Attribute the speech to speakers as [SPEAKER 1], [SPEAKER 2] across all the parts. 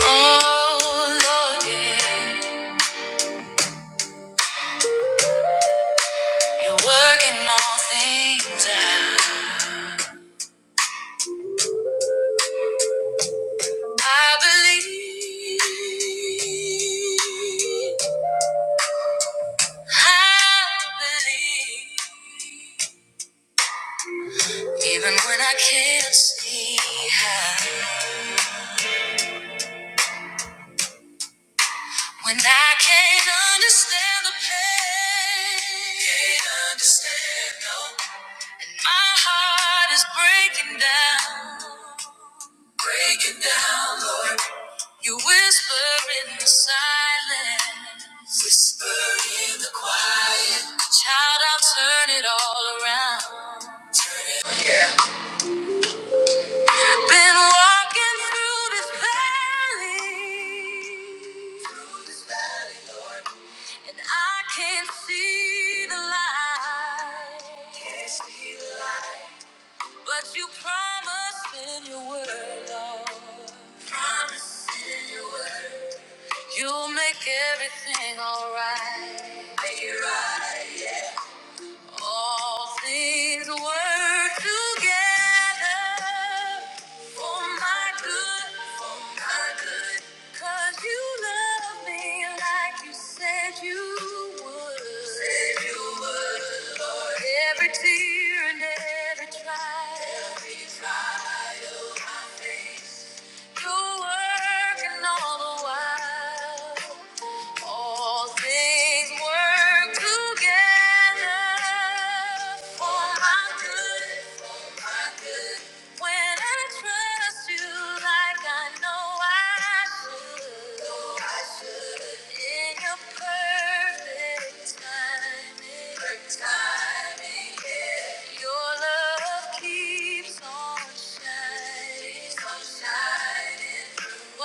[SPEAKER 1] Oh, Lord, yeah, you're working all things out. I believe, I believe, even when I can't see how, when I can't understand the pain, can't understand no my heart is breaking down. Breaking down, Lord. You whisper in the silence. Whisper in the quiet. Child, I'll turn it all around. I've been walking through this valley, and I can't see the light. Can't see the- But you promised in your word, Lord. Promise in your word. You'll make everything alright. All things work together for my good, for my good. 'Cause you love me like you said you would. Said you would. For every tear and every trial. Every trial my face. You working all the while. All things work together for my good when I trust you like I know I should. In your perfect timing, yeah. Your love keeps on shining, keeps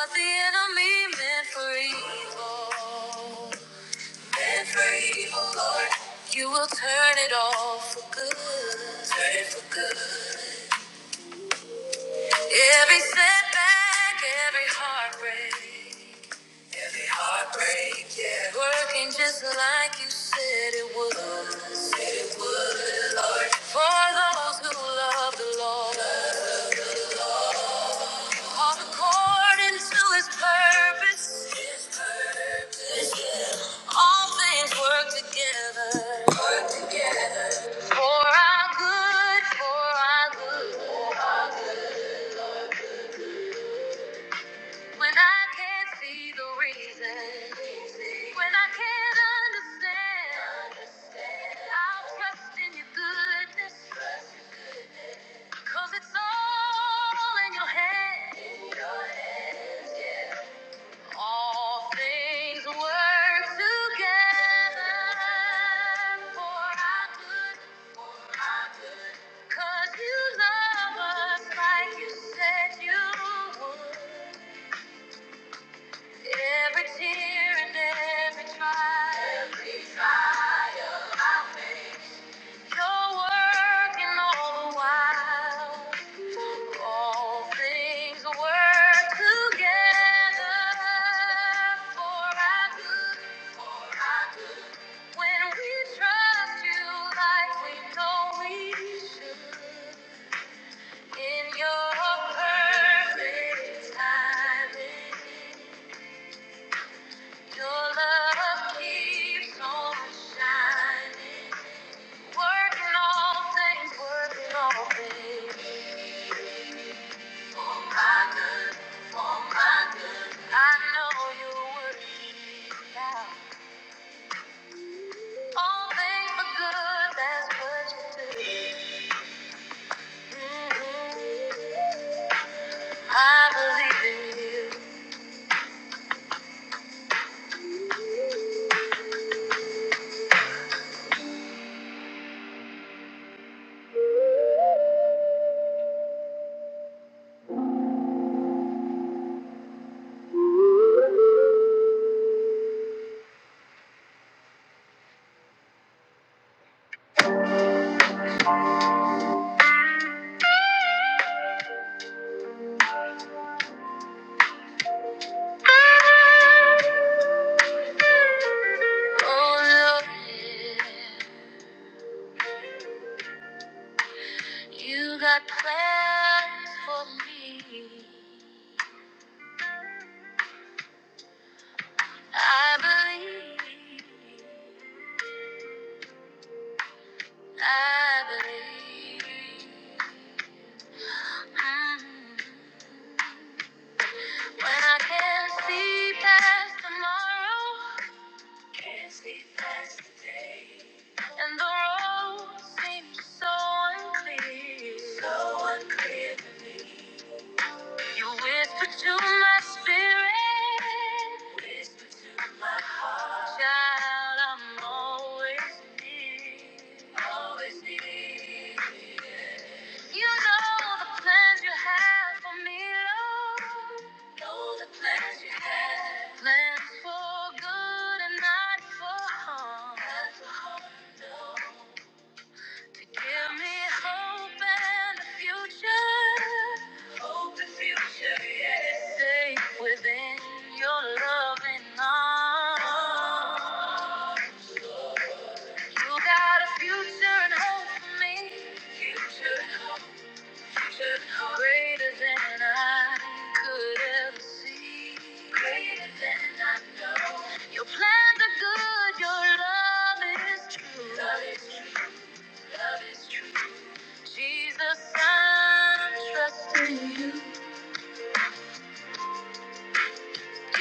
[SPEAKER 1] the enemy meant for evil, You will turn it all for good, turn it for good. Every setback, every heartbreak. Every heartbreak, yeah. Working just like you said it would. For those who love the Lord, all according to his purpose, all things work together. For our good, for our good. When I can't see the reason, when I can't understand, I'll trust in your goodness. 'Cause it's all in your hand. All things work together for our good, 'cause you love us like you said you would. Every tear and every trial, every trial I face, you're working all the while. All things work together for our good. for our good. When we trust you like we know we should, in your perfect timing, your love keeps on shining, working all things, working all things for my good, for my good. I know you work it out. All things for good, that's what you do. Mm-hmm. I believe in you. Oh Lord, you got plans for me. I believe. I believe. Mm. When I can't see past tomorrow. Barely past the day, and the road seems so unclear, so unclear to me. You whisper to my spirit, whisper Child, I'm always near. Always near. You know the plans you have for me, Lord. Know the plans you have. Plans for good and not for harm. To give me hope and a future. Hope and future, yes. Safe within your loving arms. You got a future and hope for me. Future and hope, future and hope. Greater than I could ever see. Greater than I know. Your plans are good, your love is true. Love is true, love is true. Jesus, I'm trusting you.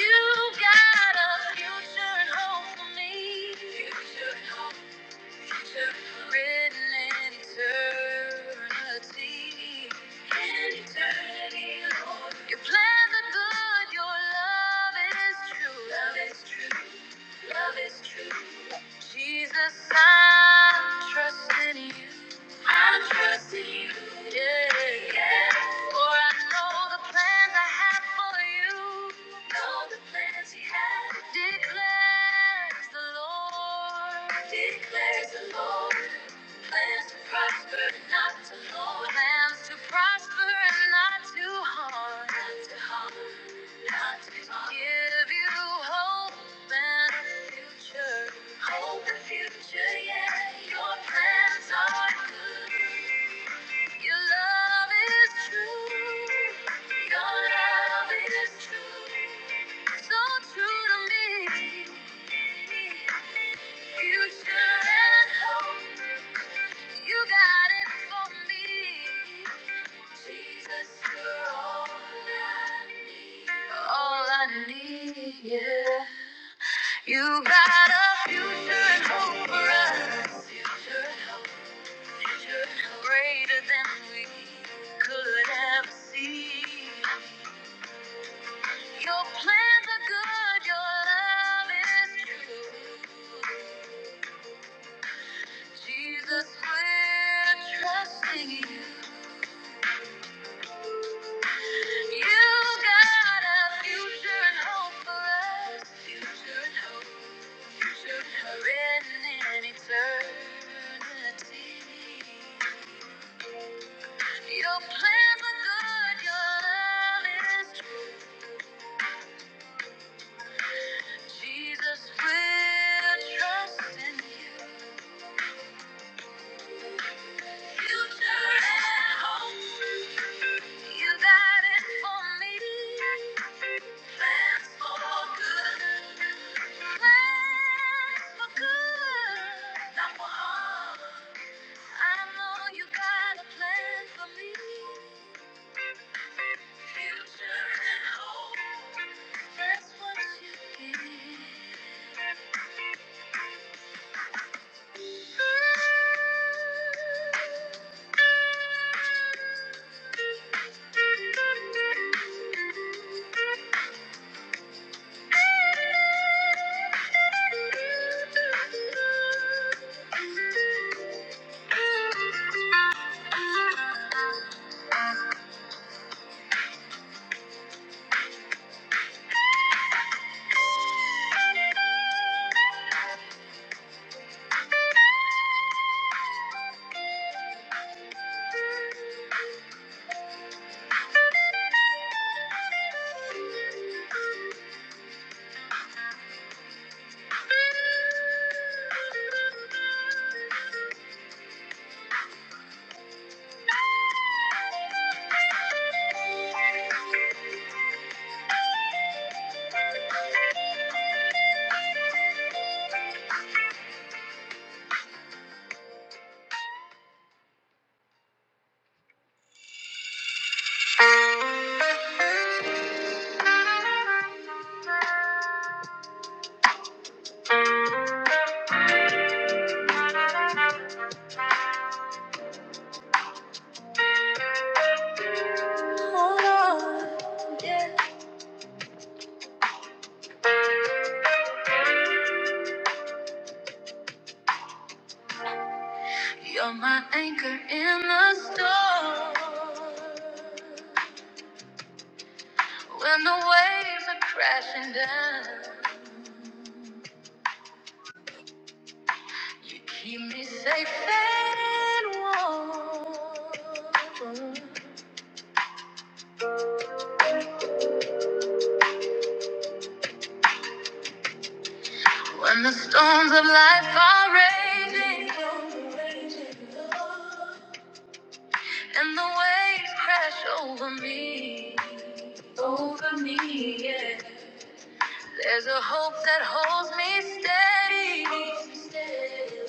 [SPEAKER 1] You got a future and hope for me. Future and hope. Written in eternity. In eternity, Lord. Your plans are good, your love is true. Love is true. Love is true. Jesus, I trust in you. I am trusting you, yeah. Yeah. For I know the plans I have for you. Know the plans you have. Declares the Lord. Declares the Lord. Plans to prosper, not to harm. Plans to prosper and not to harm. Not to harm, not to harm. Give you hope and a future. Hope and future, yeah. Your plans are good. Your love is true. Your love is true. So true to me. Future and hope. You got it for me. Jesus, you're all I need. All I need, yeah. You got a future and hope for us. Future and hope, future and hope. Greater than we could ever see. Your plans are good, your love is true. Jesus, we're trusting you. You got a future and hope for us. Written in eternity. Your plans are good. Your love is true. Jesus, we're trusting you. Future and hope. You got it for me. Plans for good. Plans for good. Not for harm. I know you got a plan for me. Future and hope. That's what you give. Oh, yeah. You're my anchor in the storm. When the waves are crashing down, you keep me safe and warm. When the storms of life are raging, and the waves crash over me, over me, yeah. There's a hope that holds me steady,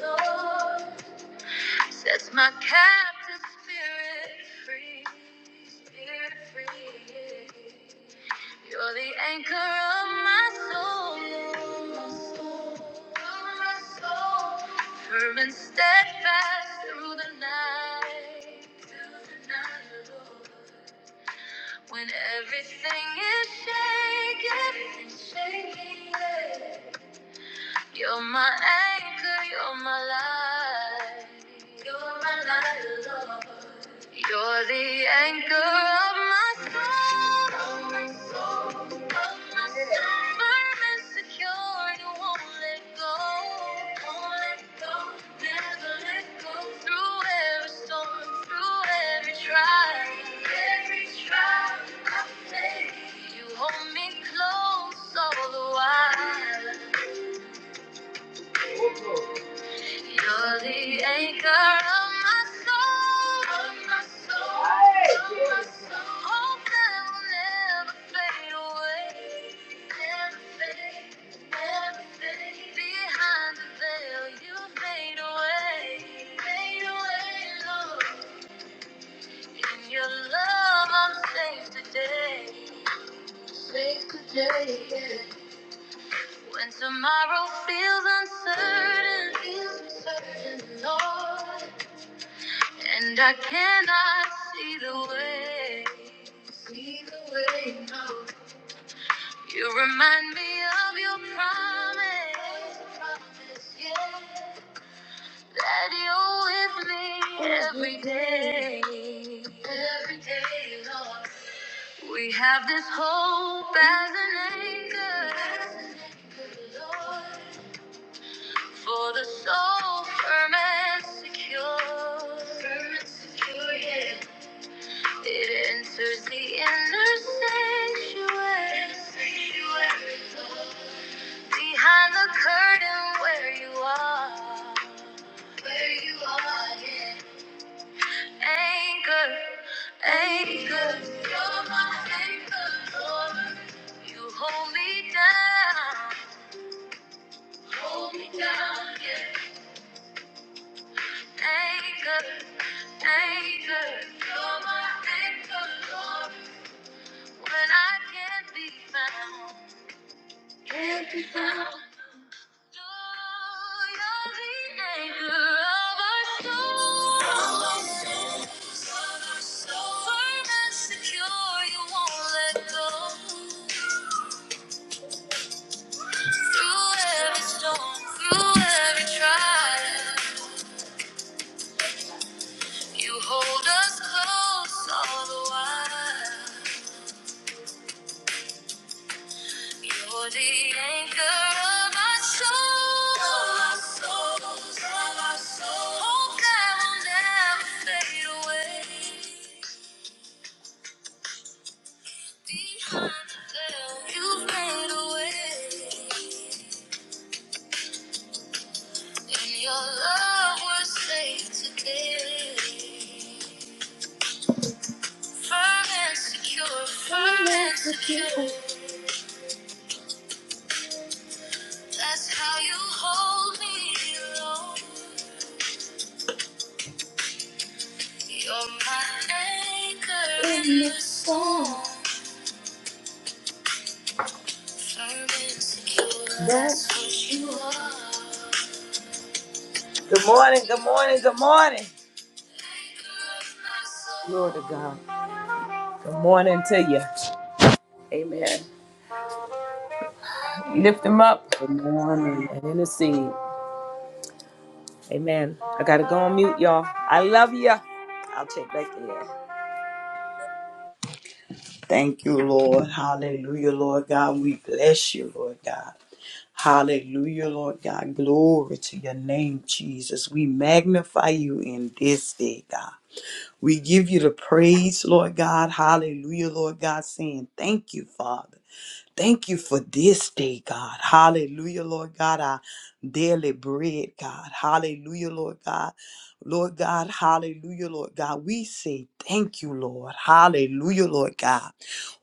[SPEAKER 1] Lord. Sets my captive spirit free, spirit free. You're the anchor of my soul, of my soul. Firm and steadfast through the night, through the night, Lord. When everything is shaking, shaking. You're my anchor, you're my light. You're my light, Lord. You're the anchor of my soul. Of my soul, of my soul. Firm and secure, you won't let go. Won't let go, never let go. Through every storm, through every trial, every trial I face, you hold me close all the while. You're the anchor of my soul, of my soul, of my soul. Hope that will never fade away, never fade, never fade. Behind the veil, you made a way, made a way, Lord. In your love, I'm safe today, safe today. yeah. When tomorrow feels uncertain, feels uncertain, Lord. And I cannot see the way. See the way, no. You remind me of your promise. Promise, yeah. That you're with me every day. Every day, Lord. We have this hope as an anchor. As an anchor, Lord. For the soul firm and secure. Firm and secure, yeah. It enters the inner sanctuary. Behind the curtain where you are. Where you are, yeah. Anchor, anchor. You're my anchor, Lord. You hold me down. Hold me down, yeah. Anchor, anchor. You're my anchor, Lord. When I can't be found. Trial, you hold us close all the while. You're the anchor of my soul. Of my soul, of my soul. Hope that will never fade away. Behind the veil, you made a way. In your love, was safe today. Firm and secure, firm and secure. That's how you hold me, Lord. You're my anchor in the storm. Firm and secure, that's what you are. Good morning, good morning, good morning. Glory to God. Good morning to you. Amen. Lift them up
[SPEAKER 2] Good morning.
[SPEAKER 1] and intercede. Amen. I gotta go on mute, y'all. I love you. I'll check back in.
[SPEAKER 2] Thank you, Lord. Hallelujah, Lord God. We bless you, Lord God. Hallelujah, Lord God. Glory to your name, Jesus. We magnify you in this day, God. We give you the praise, Lord God. Hallelujah, Lord God, saying thank you, Father. Thank you for this day, God. Hallelujah, Lord God, our daily bread, God. Hallelujah, Lord God. Lord God, hallelujah, Lord God. We say thank you, Lord. Hallelujah, Lord God.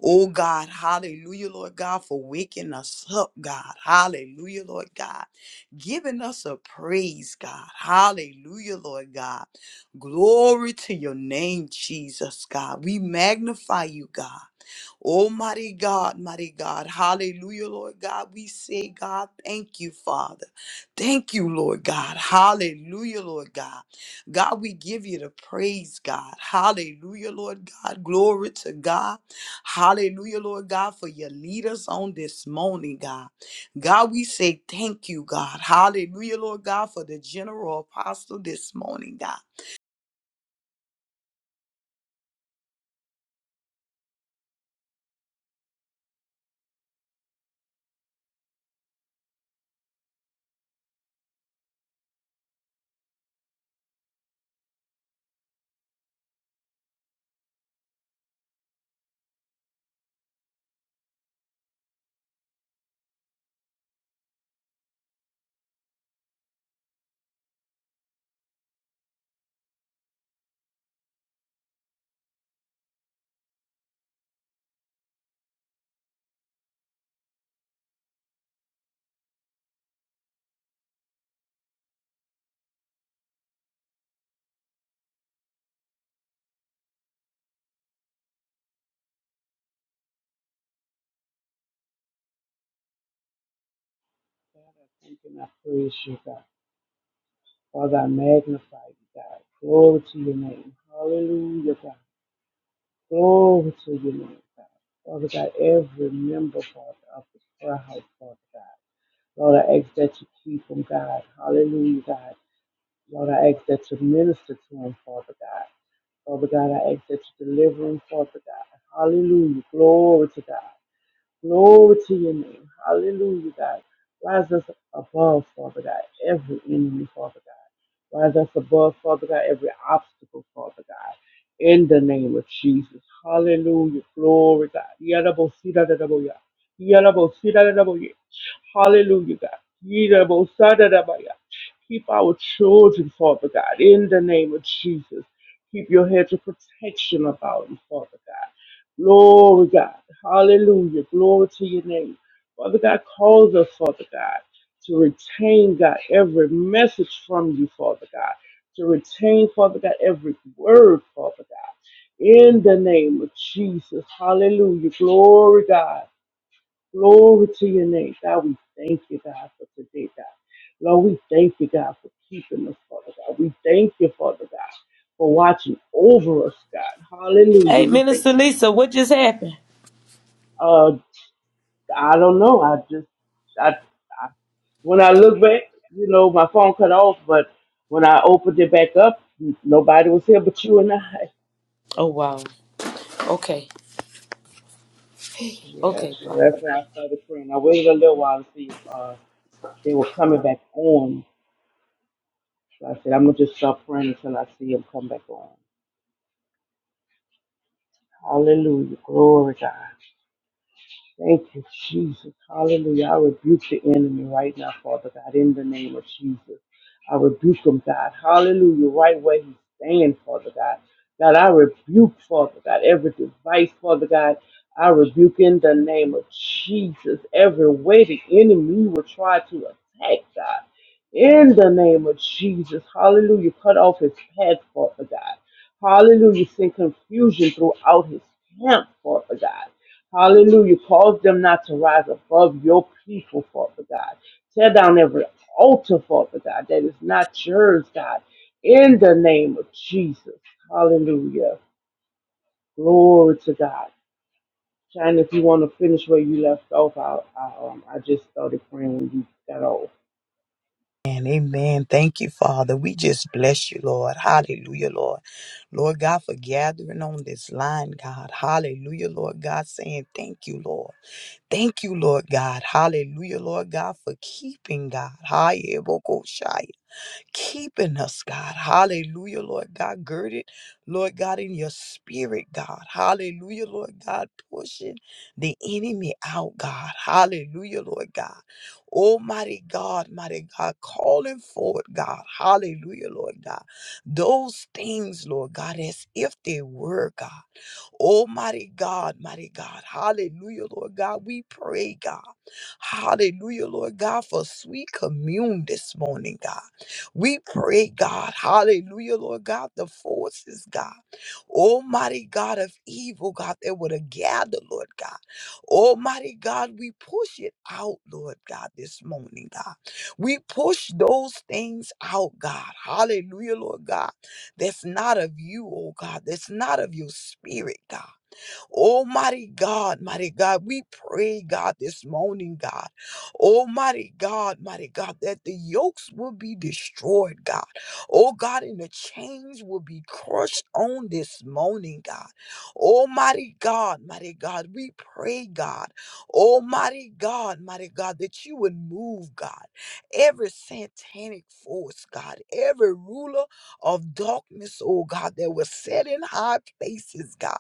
[SPEAKER 2] Oh, God, hallelujah, Lord God, for waking us up, God. Hallelujah, Lord God. Giving us a praise, God. Hallelujah, Lord God. Glory to your name, Jesus, God. We magnify you, God. Oh, mighty God, mighty God. Hallelujah, Lord God. We say, God, thank you, Father. Thank you, Lord God. Hallelujah, Lord God. God, we give you the praise, God. Hallelujah, Lord God. Glory to God. Hallelujah, Lord God, for your leaders on this morning, God. God, we say thank you, God. Hallelujah, Lord God, for the general apostle this morning, God.
[SPEAKER 3] God, I thank and I praise you, God. Father, I magnify you, God. Glory to your name. Hallelujah, God. Glory to your name, God. Father God, every member, Father, of this prayer house, Father God. Lord, I ask that you keep them, God. Hallelujah, God. Lord, I ask that you minister to them, Father God. Father God, I ask that you deliver them, Father God. Hallelujah. Glory to God. Glory to your name. Hallelujah, God. Rise us above, Father God, every enemy, Father God. Rise us above, Father God, every obstacle, Father God. In the name of Jesus. Hallelujah. Glory, God. Yadabosiradaboya. Yadabosiradaboya. Hallelujah, God. Yadabosadadabaya. Keep our children, Father God, in the name of Jesus. Keep your hedge of protection about them, Father God. Glory, God. Hallelujah. Glory to your name. Father God, calls us, Father God, to retain, God, every message from you, Father God. To retain, Father God, every word, Father God. In the name of Jesus. Hallelujah. Glory, God. Glory to your name. God, we thank you, God, for today, God. Lord, we thank you, God, for keeping us, Father God. We thank you, Father God, for watching over us, God. Hallelujah.
[SPEAKER 1] Hey,
[SPEAKER 3] We thank
[SPEAKER 1] Minister
[SPEAKER 3] you.
[SPEAKER 1] Lisa, what just happened?
[SPEAKER 3] uh, I don't know. I just I, I when I look back, you know, my phone cut off, but when I opened it back up, n- nobody was here but you and I.
[SPEAKER 1] Oh wow. Okay.
[SPEAKER 3] Yeah,
[SPEAKER 1] Okay.
[SPEAKER 3] so
[SPEAKER 1] Father.
[SPEAKER 3] that's why I started praying. I waited a little while to see if uh, they were coming back on. So I said, I'm gonna just stop praying until I see them come back on. Hallelujah, glory God. Thank you, Jesus. Hallelujah. I rebuke the enemy right now, Father God, in the name of Jesus. I rebuke him, God. Hallelujah. Right where he's staying, Father God. God, I rebuke, Father God, every device, Father God. I rebuke in the name of Jesus every way the enemy will try to attack, God. In the name of Jesus. Hallelujah. Cut off his path, Father God. Hallelujah. Send confusion throughout his camp, Father God. Hallelujah. Cause them not to rise above your people, Father God. Tear down every altar, Father God, that is not yours, God, in the name of Jesus. Hallelujah. Glory to God. China, if you want to finish where you left off, I, I, um, I just started praying when you got off.
[SPEAKER 2] And amen. Thank you, Father. We just bless you, Lord. Hallelujah, Lord. Lord God, for gathering on this line, God. Hallelujah, Lord God, saying thank you, Lord. Thank you, Lord God. Hallelujah, Lord God, for keeping God. Hallelujah keeping us, God. Hallelujah, Lord God. Girded, Lord God, in your spirit, God. Hallelujah, Lord God. Pushing the enemy out, God. Hallelujah, Lord God. Almighty God, mighty God, calling forward, God. Hallelujah, Lord God. Those things, Lord God, as if they were, God. Almighty God, mighty God. Hallelujah, Lord God. We pray, God. Hallelujah, Lord God, for sweet commune this morning, God. We pray, God, hallelujah, Lord God, the forces, God, almighty God of evil, God, that would have gathered, Lord God. Almighty God, we push it out, Lord God, this morning, God. We push those things out, God. Hallelujah, Lord God. That's not of you, oh God. That's not of your spirit, God. Almighty God, mighty God, we pray, God, this morning, God. Almighty God, mighty God, that the yokes will be destroyed, God. Oh God, and the chains will be crushed on this morning, God. Almighty God, mighty God, we pray, God. Almighty God, mighty God, that you would move, God, every satanic force, God, every ruler of darkness, oh God, that was set in high places, God.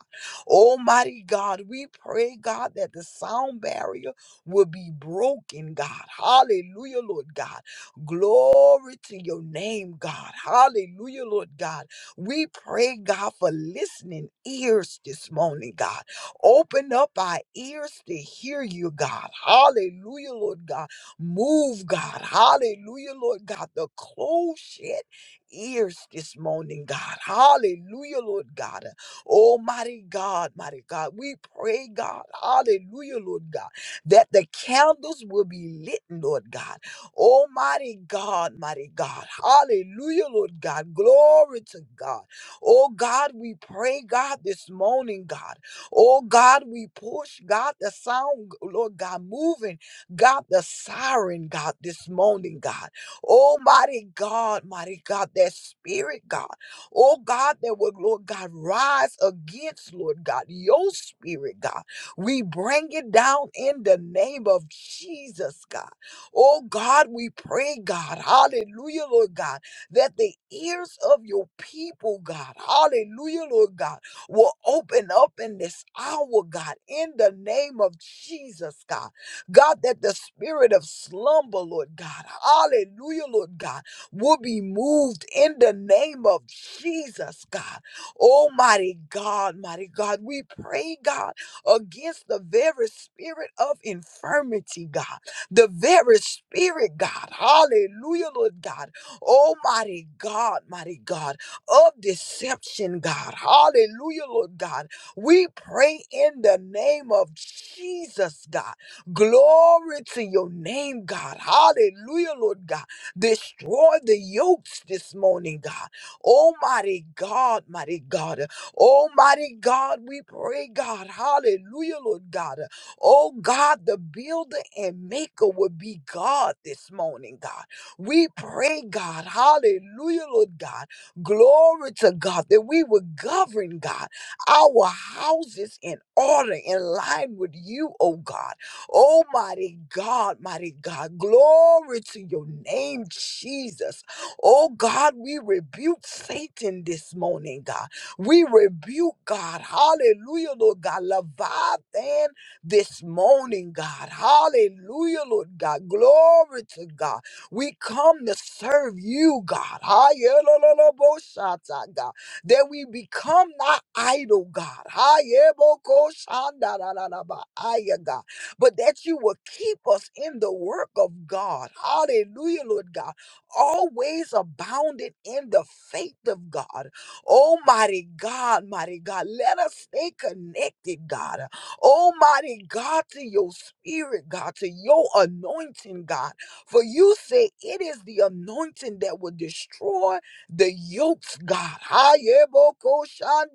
[SPEAKER 2] Almighty God, we pray, God, that the sound barrier will be broken, God. Hallelujah, Lord God. Glory to your name, God. Hallelujah, Lord God. We pray, God, for listening ears this morning, God. Open up our ears to hear you, God. Hallelujah, Lord God. Move, God. Hallelujah, Lord God. The closed shut ears this morning, God. Hallelujah, Lord God Almighty God, mighty God, we pray, God, hallelujah, Lord God, that the candles will be lit, Lord God. Almighty God, mighty God, hallelujah, Lord God, glory to God. Oh God, we pray, God, this morning, God. Oh God, we push, God, the sound, Lord God, moving, God, the siren, God, this morning, God. Almighty God, mighty God, that spirit, God. Oh God, that would, Lord God, rise against, Lord God, your spirit, God. We bring it down in the name of Jesus, God. Oh God, we pray, God, hallelujah, Lord God, that the ears of your people, God, hallelujah, Lord God, will open up in this hour, God, in the name of Jesus, God. God, that the spirit of slumber, Lord God, hallelujah, Lord God will be moved in the name of Jesus, God. Almighty God, mighty God, we pray, God, against the very spirit of infirmity, God, the very spirit, God, hallelujah, Lord God, Almighty God, mighty God, of deception, God, hallelujah, Lord God. We pray in the name of Jesus, God. Glory to your name, God, hallelujah, Lord God Destroy the yokes this morning, God. Almighty God, mighty God. Almighty God, we pray, God. Hallelujah, Lord God. Oh God, the builder and maker will be God this morning, God. We pray, God. Hallelujah, Lord God. Glory to God that we will govern, God, our houses in order in line with you, oh God. Oh, mighty God, mighty God, glory to your name, Jesus. Oh, God, we rebuke Satan this morning, God. We rebuke God. Hallelujah, Lord God. Leviathan this morning, God. Hallelujah, Lord God. Glory to God. We come to serve you, God. Hallelujah, God. That we become not idle, God. Hallelujah, God but that you will keep us in the work of God. Hallelujah, Lord God. Always abounding in the faith of God. Almighty God, mighty God, let us stay connected, God. Almighty God, to your spirit, God, to your anointing, God. For you say it is the anointing that will destroy the yokes, God.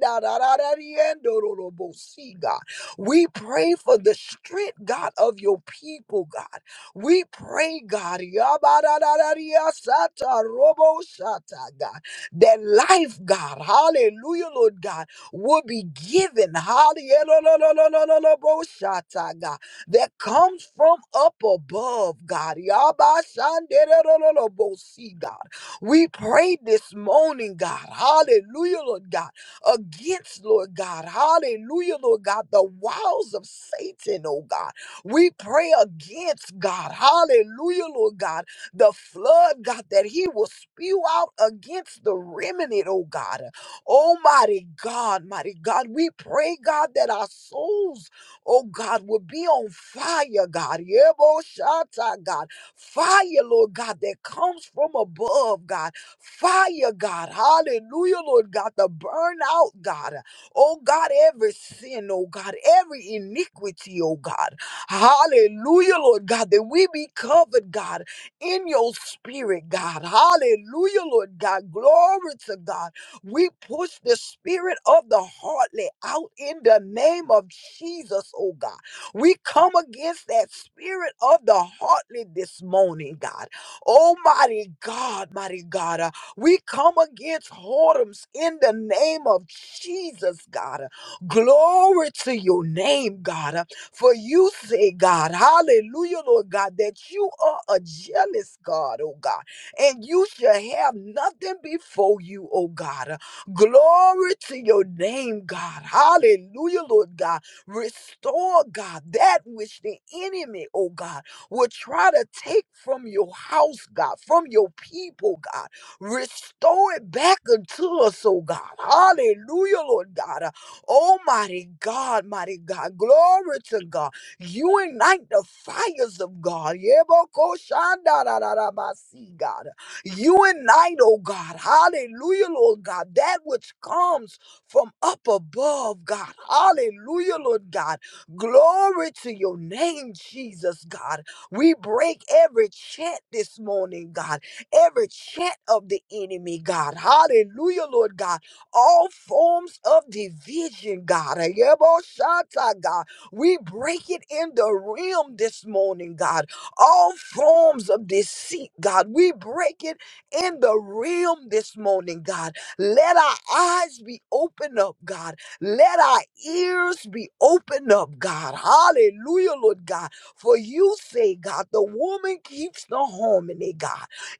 [SPEAKER 2] Hayebokoshandararariendororobosi, God. We pray for the strength, God, of your people, God. We pray, God, yabadadadadiyasata robosata, God, that life, God, hallelujah, Lord God, will be given, hallelujah, God, that comes from up above, God. Yabashandererololobosi, God. We pray this morning, God. Hallelujah, Lord God against, Lord God. Hallelujah, Lord God, the wiles of Satan, oh God. We pray against, God. Hallelujah, Lord God, the flood, God, that he will spew out against the remnant, oh God. Almighty God, mighty God, we pray, God, that our souls, oh God, will be on fire, God. Yeboshata, God. Fire, Lord God, that comes from above, God. Fire, God. Hallelujah, Lord God. The out, God. Oh, God, every sin, oh, God, every iniquity, oh, God. Hallelujah, Lord God, that we be covered, God, in your spirit, God. Hallelujah, Lord God. Glory to God. We push the spirit of the heartlet out in the name of Jesus, oh God. We come against that spirit of the heartlet this morning, God. Almighty God, mighty God. uh, we come against whoredoms in the name of Jesus, God. Glory to your name, God. For you say, God, hallelujah, Lord God, that you are a jealous God, oh God, and you shall have nothing before you, oh God. Glory to your name, God. Hallelujah, Lord God. Restore, God, that which the enemy, oh God, will try to take from your house, God, from your people, God. Restore it back unto us, oh God. Hallelujah, Lord God. Almighty God, mighty God. Glory to God. You ignite the fires of God. Yebokoshandarararabasi, God. You ignite, oh God. Hallelujah, Lord God. That which comes from up above, God. Hallelujah, Lord God. Glory to your name, Jesus, God. We break every chant this morning, God every chant of the enemy, God. Hallelujah, Lord God. All forms of division, God. Ayeboshata, God. We break it in the realm this morning, God. All forms of deceit, God. We break it in the realm this morning, God. Let our eyes be opened up, God. Let our ears be opened up, God. Hallelujah, Lord God. For you say, God, the woman keeps the harmony, God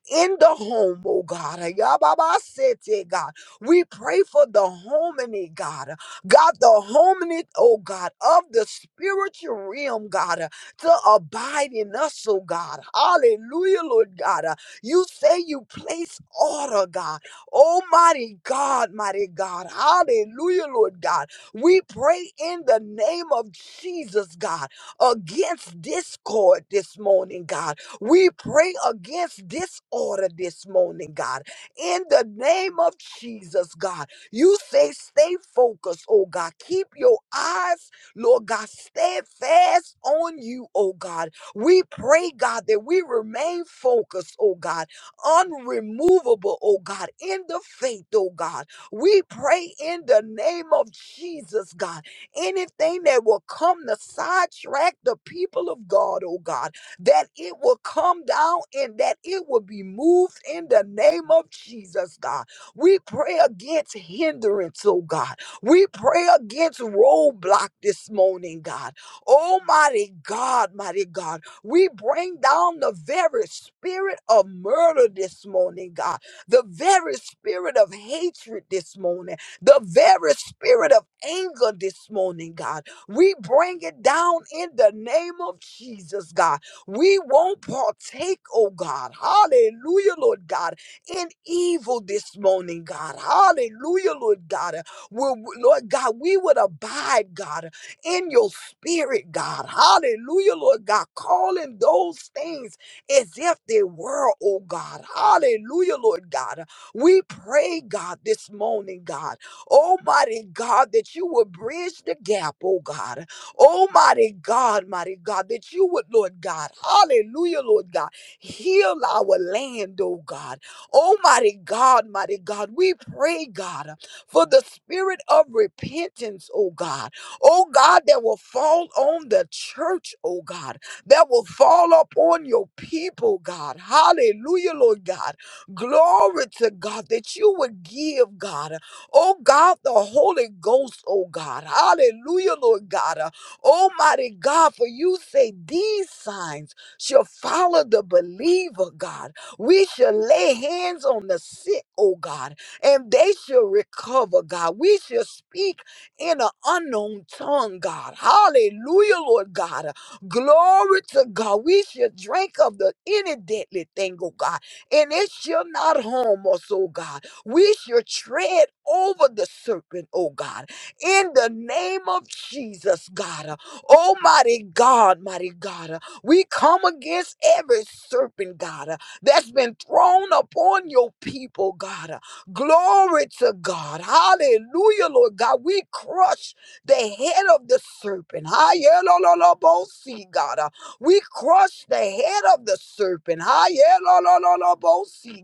[SPEAKER 2] in the home, oh God. Ayababasete, God. We pray for the harmony, God. God, the harmony, oh God, of the spiritual realm, God, uh, to abide in us, oh God. Hallelujah, Lord God. Uh, You say you place order, God. Almighty God, mighty God. Hallelujah, Lord God. We pray in the name of Jesus, God, against discord this morning, God we pray against disorder this morning, God. In the name of Jesus, God. You say, stay focused, oh God. Keep your eyes, Lord God, steadfast on you, oh God. We pray, God, that we remain focused, oh God, unremovable, oh God, in the faith, oh God. We pray in the name of Jesus, God. Anything that will come to sidetrack the people of God, oh God that it will come down and that it will be moved in the name of Jesus, God. We pray against hindrance, oh God. We pray against roadblock this morning, God. Almighty God, mighty God. We bring down the very spirit of murder this morning, God. The very spirit of hatred this morning. The very spirit of anger this morning, God. We bring it down in the name of Jesus, God. We won't partake, oh God. Hallelujah, Lord God, in evil this morning, God. Hallelujah, Lord God. We'll, Lord God, we would abide, God, in your spirit, God. Hallelujah, Lord God. Calling those things as if they were, oh God. Hallelujah, Lord God. We pray, God, this morning, God. Almighty God, that you will bridge the gap, oh God Oh, mighty God, mighty God, that you would, Lord God, hallelujah, Lord God, heal our land, oh God. Oh, mighty God, mighty God, we pray, God, for the spirit of repentance, oh God. Oh God, that will fall on the church, oh God, that will fall upon your people, God. Hallelujah, Lord God. Glory to God that you would give, God. Oh God, the Holy Ghost, oh God. Hallelujah, Lord God. Almighty God, for you say these signs shall follow the believer, God. We shall lay hands on the sick, oh God, and they shall recover, God. We shall speak in an unknown tongue, God. Hallelujah, Lord God. Glory to God. We shall drink of the any deadly thing, oh God, and it shall not harm us, oh God. We shall tread over the serpent, oh God in the name of Jesus, God. Almighty God, mighty God, we come against every serpent, God, that's been thrown upon your people, God. Glory to God. Hallelujah, Lord God. We crush the head of the serpent. Hallelujah, God. We crush the head of the serpent. Hallelujah,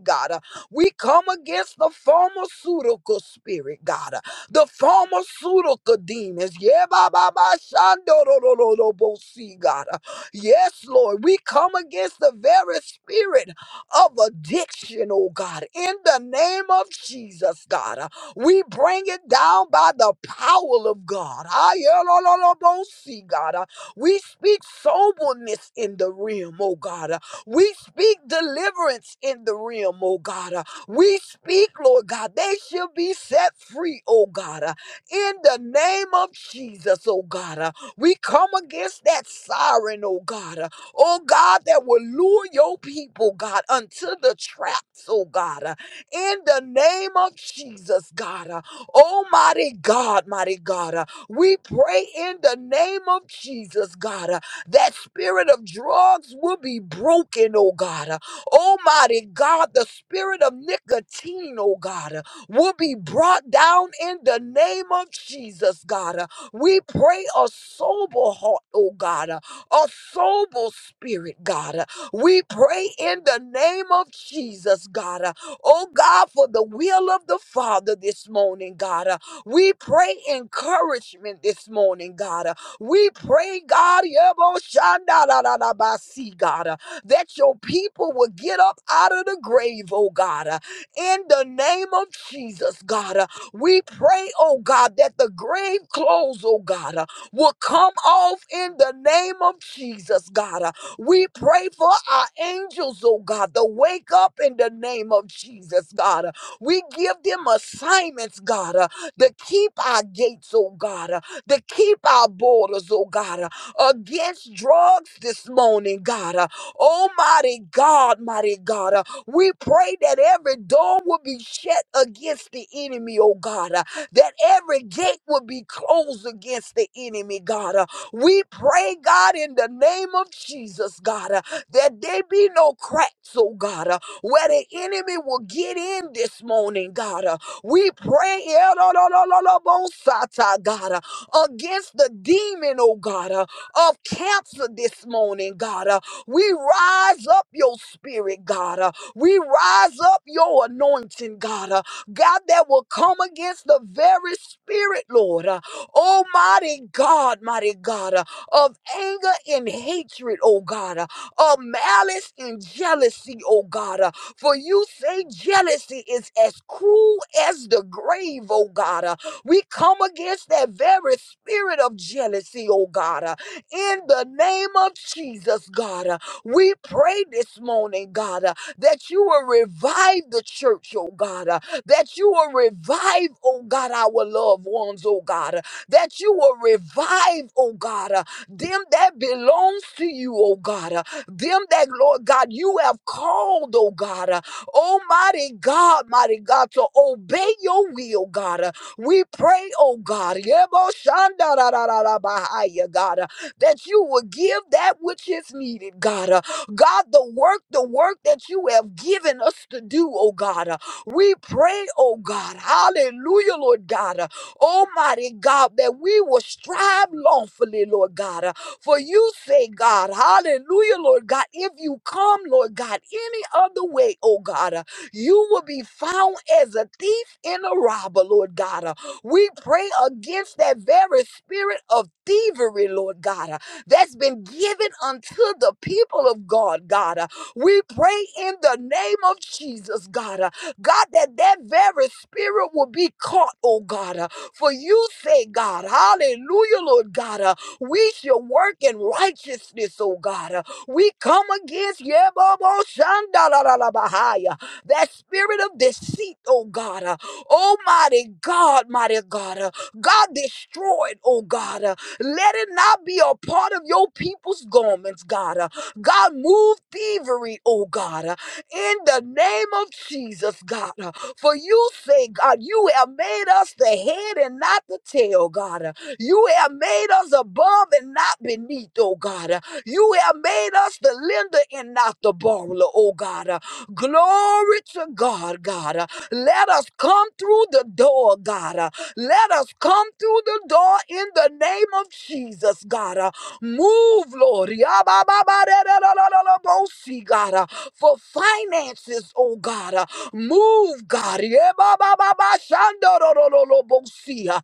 [SPEAKER 2] God. We come against the pharmaceutical spirit, God the pharmaceutical demons. Yeah, ba ba ba shando ro ro ro ro bo see God. Yes, Lord, we come against the very spirit of addiction, oh God, in the name of Jesus, God. We bring it down by the power of God. Ah, yeah, lo lo lo bo see God. We speak soberness in the realm, oh God. We speak deliverance in the realm, oh God. We speak, Lord God, they shall be set free, oh God, uh, in the name of Jesus, oh God. uh. We come against that siren, oh God, uh, oh God, that will lure your people, God, unto the traps, oh God, uh, in the name of Jesus, God. uh. Almighty God, mighty God, uh, we pray in the name of Jesus, God, uh, that spirit of drugs will be broken, oh God. uh, Almighty God, the spirit of nicotine, oh God, uh, will be brought down in the name of Jesus, God. Uh, We pray a sober heart, oh God, uh, a sober spirit, God. Uh, We pray in the name of Jesus, God. Uh, Oh God, for the will of the Father this morning, God. Uh, We pray encouragement this morning, God. Uh, We pray, God, Yebo Shandalabasi, God that your people will get up out of the grave, oh God. Uh, In the name of Jesus, God, uh, we pray, oh God, that the grave clothes, oh God, uh, will come off in the name of Jesus, God. Uh, We pray for our angels, oh God, to wake up in the name of Jesus, God. Uh, We give them assignments, God, uh, to keep our gates, oh God, uh, to keep our borders, oh God, uh, against drugs this morning, God. Uh, Oh, mighty God, mighty God. uh, We pray that every door will be shut against the enemy, oh God. uh, That every gate will be closed against the enemy, God. uh, We pray, God, in the name of Jesus, God, uh, that there be no cracks, oh God, uh, where the enemy will get in this morning, God. uh, We pray, eh, lo, lo, lo, lo, lo, bo, sa, God, uh, against the demon, oh God, uh, of cancer this morning, God. We rise up your spirit, God. Uh, We rise up your anointing, God. Uh, God, that will come against the very spirit, Lord. Uh, Almighty God, mighty God, uh, of anger and hatred, oh God, uh, of malice and jealousy, oh God. uh, For you say jealousy is as cruel as the grave, oh God. uh, We come against that very spirit of jealousy, oh God. uh, in the name of Jesus, God. Uh, we pray this morning, God, uh, that you will revive the church, oh God, uh, that you will revive, oh God, our loved ones, oh God, uh, that you will revive, oh God, uh, them that belongs to you, oh God, uh, them that, Lord God, you have called, oh God, uh, almighty God, mighty God, to obey your will, God. uh, we pray, oh God, Yebo Shanda da da da da Bahaya, God. uh, that you will give that which is needed, God. Uh, God, the work, the work that you have given us to do, oh God. Uh, we pray, oh God, hallelujah, Lord God, uh, almighty God, that we will strive lawfully, Lord God. Uh, for you say, God, hallelujah, Lord God, if you come, Lord God, any other way, oh God, uh, you will be found as a thief and a robber, Lord God. uh, we pray against that very spirit of thievery, Lord God, uh, that's been given unto the people of God, God. uh. We pray in the name of Jesus, God, uh, God, that that very spirit will be caught, oh God. uh. For you say, God, hallelujah, Lord God, uh, we shall work in righteousness, oh God. uh. We come against Yebobo Shandalalabahaya, that spirit of deceit, oh God. uh, Oh, mighty God, mighty God. uh, God destroyed, oh God. uh, Let it not be a part of your people's garments, God. uh, God, move thievery, oh God. uh, In the name of Jesus, God. uh, For you say, God, you have made us the head and not the tail, God. uh, You have made us above and not beneath, oh God. uh, You have made us the lender and not the borrower, oh God. uh, Glory to God, God. Let us come through the door, God. Uh, Let us come through the door in the name of Jesus, God. Uh, Move, Lord. Yabababadererorororobosi, God. Uh, For finances, oh God. Uh, Move, God. Yebabababashandorororobosi, uh,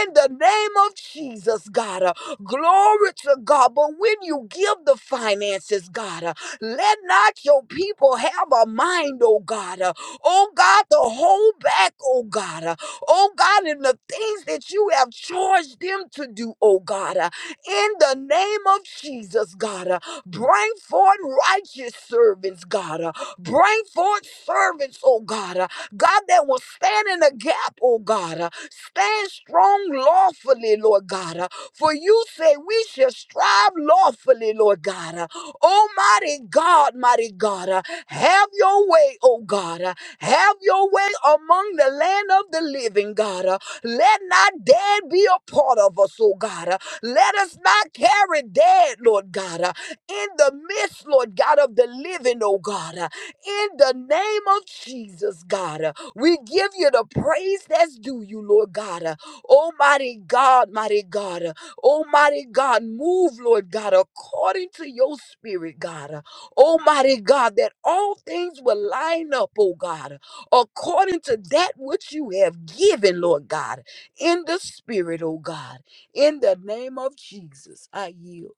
[SPEAKER 2] In the name of Jesus, God. Uh, Glory to God. But when you give the finances, God, uh, let not your people have a mind, oh God, uh, Oh God, to hold back, oh God. uh, Oh God, in the things that you have charged them to do, oh God. uh, In the name of Jesus, God. uh, Bring forth righteous servants, God. uh, Bring forth servants, oh God. uh, God, that will stand in the gap, oh God. uh, Stand strong lawfully, Lord God. uh, For you say we shall strive lawfully, Lord God. uh, Almighty God, mighty God, uh, have your way, oh God. uh, have your way among the land of the living, God. Uh, Let not dead be a part of us, oh God. Uh, Let us not carry dead, Lord God, uh, in the midst, Lord God, of the living, oh God. Uh, In the name of Jesus, God, uh, we give you the praise that's due you, Lord God. Uh, Almighty God, mighty God, uh, Almighty God, move, Lord God, according to your spirit, God. Uh, Almighty God, that all things will line up, oh God, according to that which you have given, Lord God, in the Spirit, oh God. In the name of Jesus, I yield.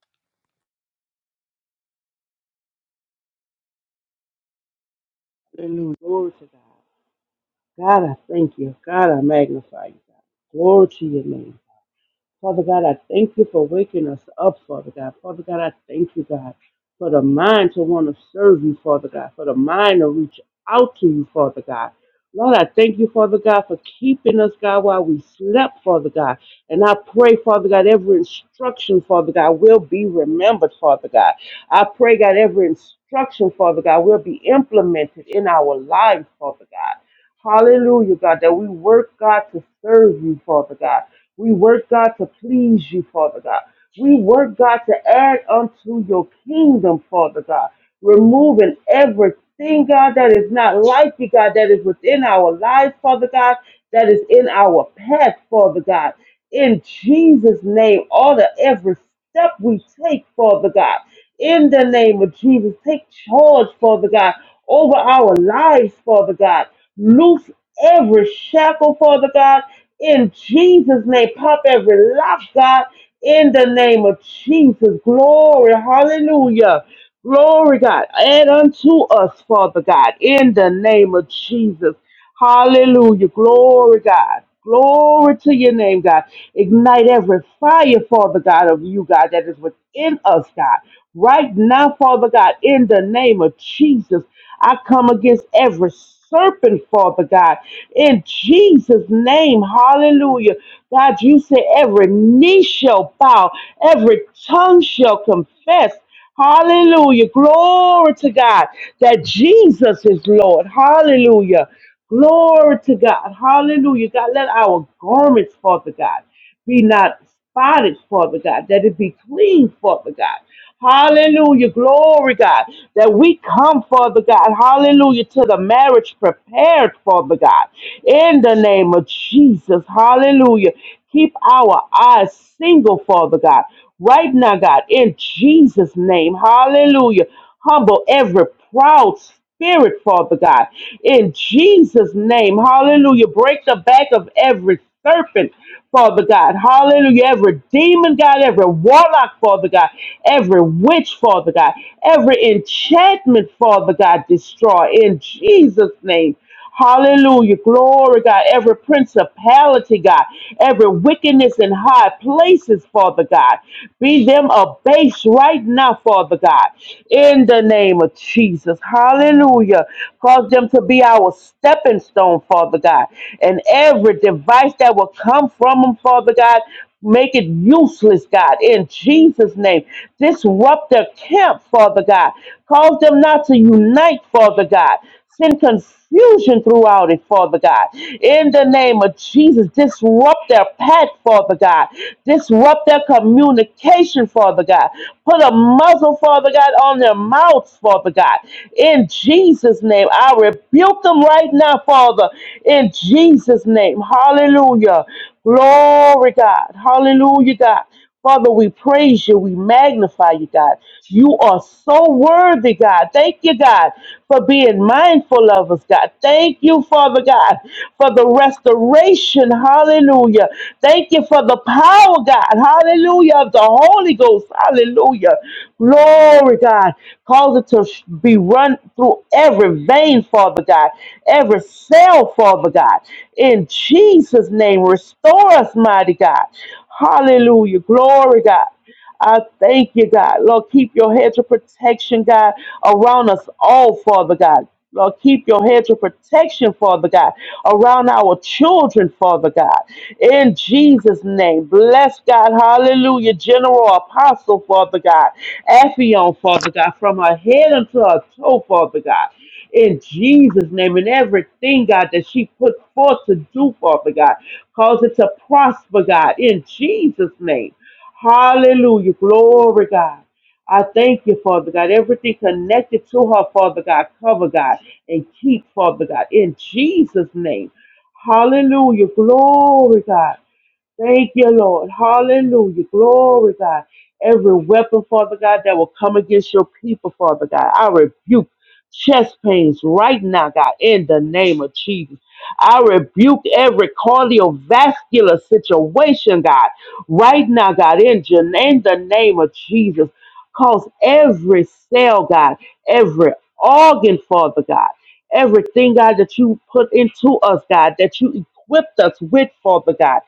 [SPEAKER 3] Hallelujah. Glory to God. God, I thank you. God, I magnify you. God. Glory to your name. Father God, I thank you for waking us up, Father God. Father God, I thank you, God, for the mind to want to serve you, Father God, for the mind to reach out to you, Father God. Lord, I thank you, Father God, for keeping us, God, while we slept, Father God. And I pray, Father God, every instruction, Father God, will be remembered, Father God. I pray, God, every instruction, Father God, will be implemented in our lives, Father God. Hallelujah, God, that we work, God, to serve you, Father God. We work, God, to please you, Father God. We work, God, to add unto your kingdom, Father God. Removing everything, God, that is not like you, God, that is within our lives, Father God, that is in our path, Father God. In Jesus' name, all the every step we take, Father God. In the name of Jesus, take charge, Father God, over our lives, Father God. Loose every shackle, Father God, in Jesus' name. Pop every lock, God, in the name of Jesus. Glory, hallelujah. Glory, God. Add unto us, Father God, in the name of Jesus. Hallelujah. Glory, God. Glory to your name, God. Ignite every fire, Father God, of you, God, that is within us, God. Right now, Father God, in the name of Jesus, I come against every serpent, Father God, in Jesus' name. Hallelujah. God, you say every knee shall bow, every tongue shall confess. Hallelujah. Glory to God that Jesus is Lord. Hallelujah. Glory to God. Hallelujah. God, let our garments, Father God, be not spotted, Father God, that it be clean, Father God. Hallelujah. Glory, God, that we come, Father God. Hallelujah. To the marriage prepared, Father God. In the name of Jesus. Hallelujah. Keep our eyes single, Father God. Right now, God, in Jesus' name. Hallelujah. Humble every proud spirit, Father God. In Jesus' name, hallelujah. Break the back of every serpent, Father God. Hallelujah. Every demon, God, every warlock, Father God, every witch, Father God, every enchantment, Father God, destroy in Jesus' name. Hallelujah. Glory, God. Every principality, God. Every wickedness in high places, Father God. Be them abased right now, Father God. In the name of Jesus. Hallelujah. Cause them to be our stepping stone, Father God. And every device that will come from them, Father God. Make it useless, God, in Jesus' name. Disrupt their camp, Father God. Cause them not to unite, Father God. Send confusion throughout it, Father God. In the name of Jesus, disrupt their path, Father God. Disrupt their communication, Father God. Put a muzzle, Father God, on their mouths, Father God. In Jesus' name, I rebuke them right now, Father. In Jesus' name, hallelujah. Glory, God. Hallelujah, God. Father, we praise you. We magnify you, God. You are so worthy, God. Thank you, God, for being mindful of us, God. Thank you, Father God, for the restoration. Hallelujah. Thank you for the power power, God. Hallelujah. Of the Holy Ghost. Hallelujah. Glory, God. Cause it to sh- be run through every vein, Father God. Every cell, Father God. In Jesus' name, restore us, mighty God. Hallelujah. Glory, God. I thank you, God. Lord, keep your hedge of protection, God, around us all, Father God. Lord, keep your hedge of protection, Father God, around our children, Father God. In Jesus' name, bless God. Hallelujah. General Apostle, Father God. Appion, Father God, from her head unto her toe, Father God. In Jesus' name, and everything, God, that she put forth to do, Father God, cause it to prosper, God, in Jesus' name. Hallelujah. Glory, God. I thank you, Father God. Everything connected to her, Father God, cover, God, and keep, Father God, in Jesus' name. Hallelujah. Glory, God. Thank you, Lord. Hallelujah. Glory, God. Every weapon, Father God, that will come against your people, Father God, I rebuke chest pains right now, God, in the name of Jesus. I rebuke every cardiovascular situation, God, right now, God, in, Je- in the name of Jesus. Cause every cell, God, every organ, Father God, everything, God, that you put into us, God, that you equipped us with, Father God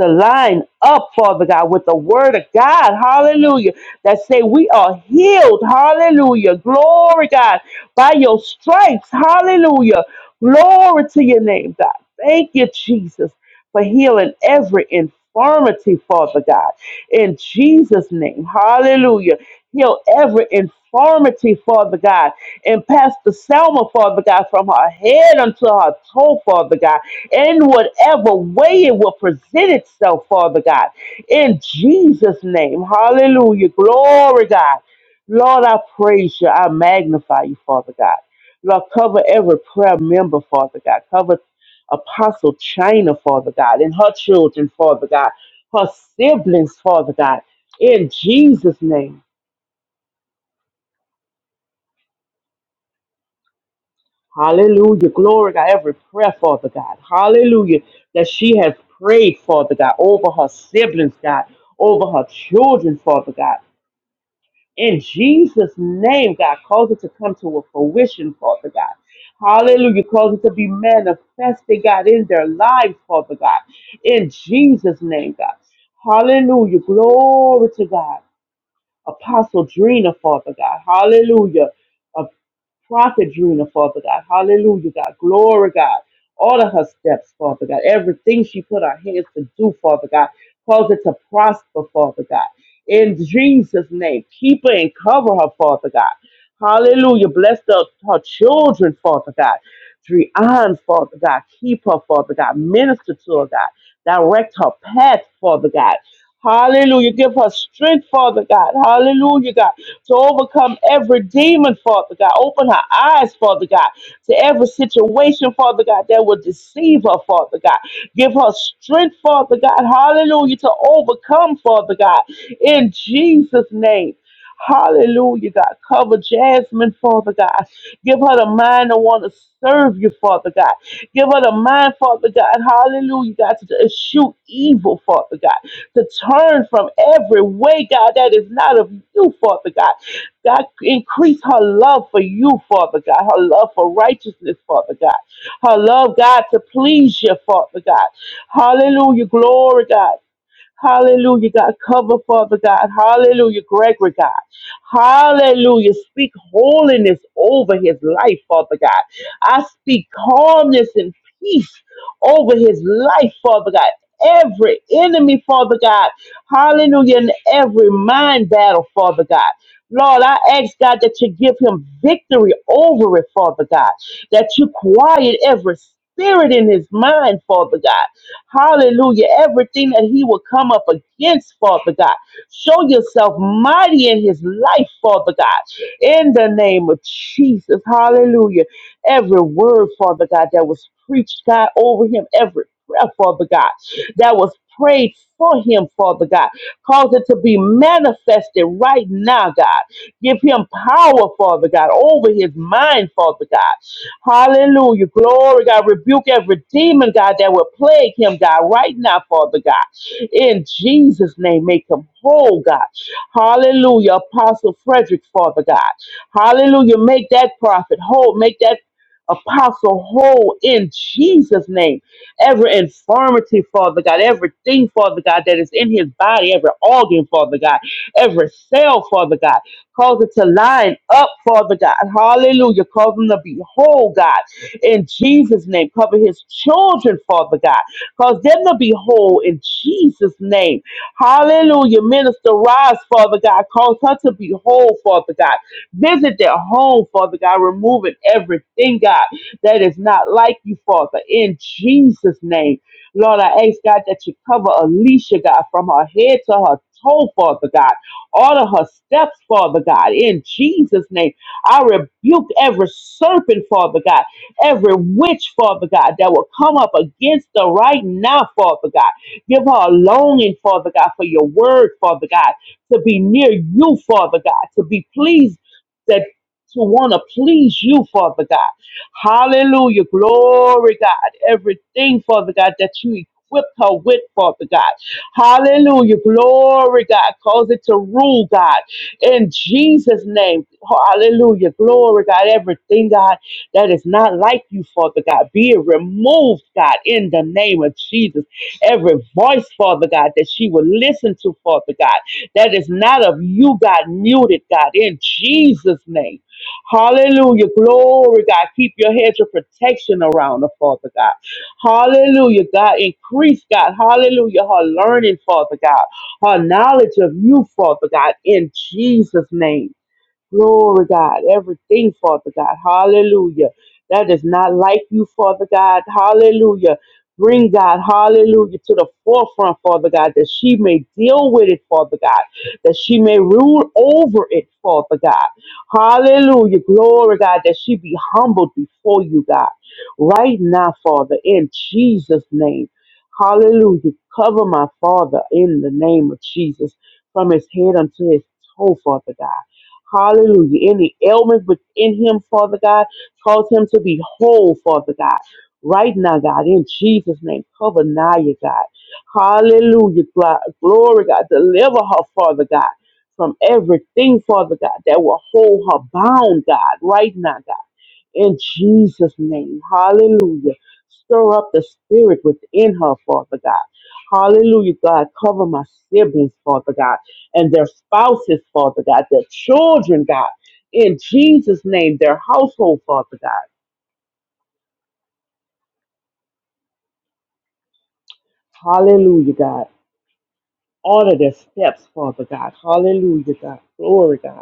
[SPEAKER 3] to line up, Father God, with the word of God. Hallelujah. That say we are healed. Hallelujah. Glory, God, by your stripes. Hallelujah. Glory to your name, God. Thank you, Jesus, for healing every infirmity, Father God. In Jesus' name. Hallelujah. Heal every infirmity, Father God. And Pastor Selma, Father God, from her head unto her toe, Father God in whatever way it will present itself, Father God. In Jesus' name, hallelujah. Glory, God. Lord, I praise you. I magnify you, Father God. Lord, cover every prayer member, Father God. Cover Apostle China, Father God, and her children, Father God, her siblings, Father God, in Jesus' name. Hallelujah. Glory, God. Every prayer, Father God. Hallelujah. That she has prayed, Father God, over her siblings, God, over her children, Father God. In Jesus' name, God, cause it to come to a fruition, Father God. Hallelujah. Cause it to be manifested, God, in their lives, Father God. In Jesus' name, God. Hallelujah. Glory to God. Apostle Drina, Father God. Hallelujah. Prophet Drina, Father God. Hallelujah, God. Glory, God. All of her steps, Father God. Everything she put her hands to do, Father God. Cause it to prosper, Father God. In Jesus' name, keep her and cover her, Father God. Hallelujah. Bless the, her children, Father God. Drian, Father God. Keep her, Father God. Minister to her, God. Direct her path, Father God. Hallelujah. Give her strength, Father God. Hallelujah, God, to overcome every demon, Father God. Open her eyes, Father God, to every situation, Father God, that will deceive her, Father God. Give her strength, Father God. Hallelujah, to overcome, Father God, in Jesus' name. Hallelujah, God. Cover Jasmine, Father God. Give her the mind to want to serve you, Father God. Give her the mind, Father God. Hallelujah, God, to eschew evil, Father God to turn from every way, God, that is not of you, Father God. God, increase her love for you, Father God, her love for righteousness, Father God, her love, God, to please you, Father God. Hallelujah. Glory, God. Hallelujah, God. Cover, Father God. Hallelujah, Gregory, God. Hallelujah. Speak holiness over his life, Father God. I speak calmness and peace over his life, Father God. Every enemy, Father God. Hallelujah. And every mind battle, Father God. Lord, I ask God that you give him victory over it, Father God. That you quiet every spirit in his mind, Father God. Hallelujah. Everything that he will come up against, Father God. Show yourself mighty in his life, Father God. In the name of Jesus. Hallelujah. Every word, Father God, that was preached, God, over him, every prayer, Father God, that was prayed for him, Father God. Cause it to be manifested right now, God. Give him power, Father God, over his mind, Father God. Hallelujah. Glory, God. Rebuke every demon, God, that will plague him, God, right now, Father God. In Jesus' name, make him whole, God. Hallelujah. Apostle Frederick, Father God. Hallelujah. Make that prophet whole. Make that apostle whole in Jesus' name. Every infirmity, Father God, everything, Father God, that is in his body, every organ, Father God, every cell, Father God. Cause it to line up, Father God. Hallelujah. Cause them to be whole, God. In Jesus' name. Cover his children, Father God. Cause them to be whole in Jesus' name. Hallelujah. Minister Rise, Father God. Cause her to be whole, Father God. Visit their home, Father God. Removing everything, God, that is not like you, Father. In Jesus' name. Lord, I ask God that you cover Alicia, God, from her head to her toe, Father God. Order her steps, Father God. In Jesus' name, I rebuke every serpent, Father God, every witch, Father God, that will come up against her right now, Father God. Give her a longing, Father God, for your word, Father God, to be near you, Father God, to be pleased that to want to please you, Father God. Hallelujah. Glory, God. Everything, Father God, that you equipped her with, Father God. Hallelujah. Glory, God. Cause it to rule, God. In Jesus' name. Hallelujah. Glory, God. Everything, God, that is not like you, Father God, be it removed, God, in the name of Jesus. Every voice, Father God, that she will listen to, Father God, that is not of you, God, muted, God, in Jesus' name. Hallelujah. Glory, God. Keep your hedge of protection around her, Father God. Hallelujah, God. Increase, God. Hallelujah. Her learning, Father God. Her knowledge of you, Father God, in Jesus' name. Glory, God. Everything, Father God. Hallelujah. That is not like you, Father God. Hallelujah. Bring God, hallelujah, to the forefront, Father God, that she may deal with it, Father God, that she may rule over it, Father God. Hallelujah. Glory, God, that she be humbled before you, God. Right now, Father, in Jesus' name. Hallelujah. Cover my Father in the name of Jesus from his head unto his toe, Father God. Hallelujah. Any ailment within him, Father God, cause him to be whole, Father God. Right now, God, in Jesus' name, cover Naya, God. Hallelujah. Gl- Glory, God. Deliver her, Father God, from everything, Father God, that will hold her bound, God, right now, God in Jesus' name. Hallelujah. Stir up the spirit within her, Father God. Hallelujah, God. Cover my siblings, Father God, and their spouses, Father God, their children, God. In Jesus' name, their household, Father God. Hallelujah, God. Order their steps, Father God. Hallelujah, God. Glory, God.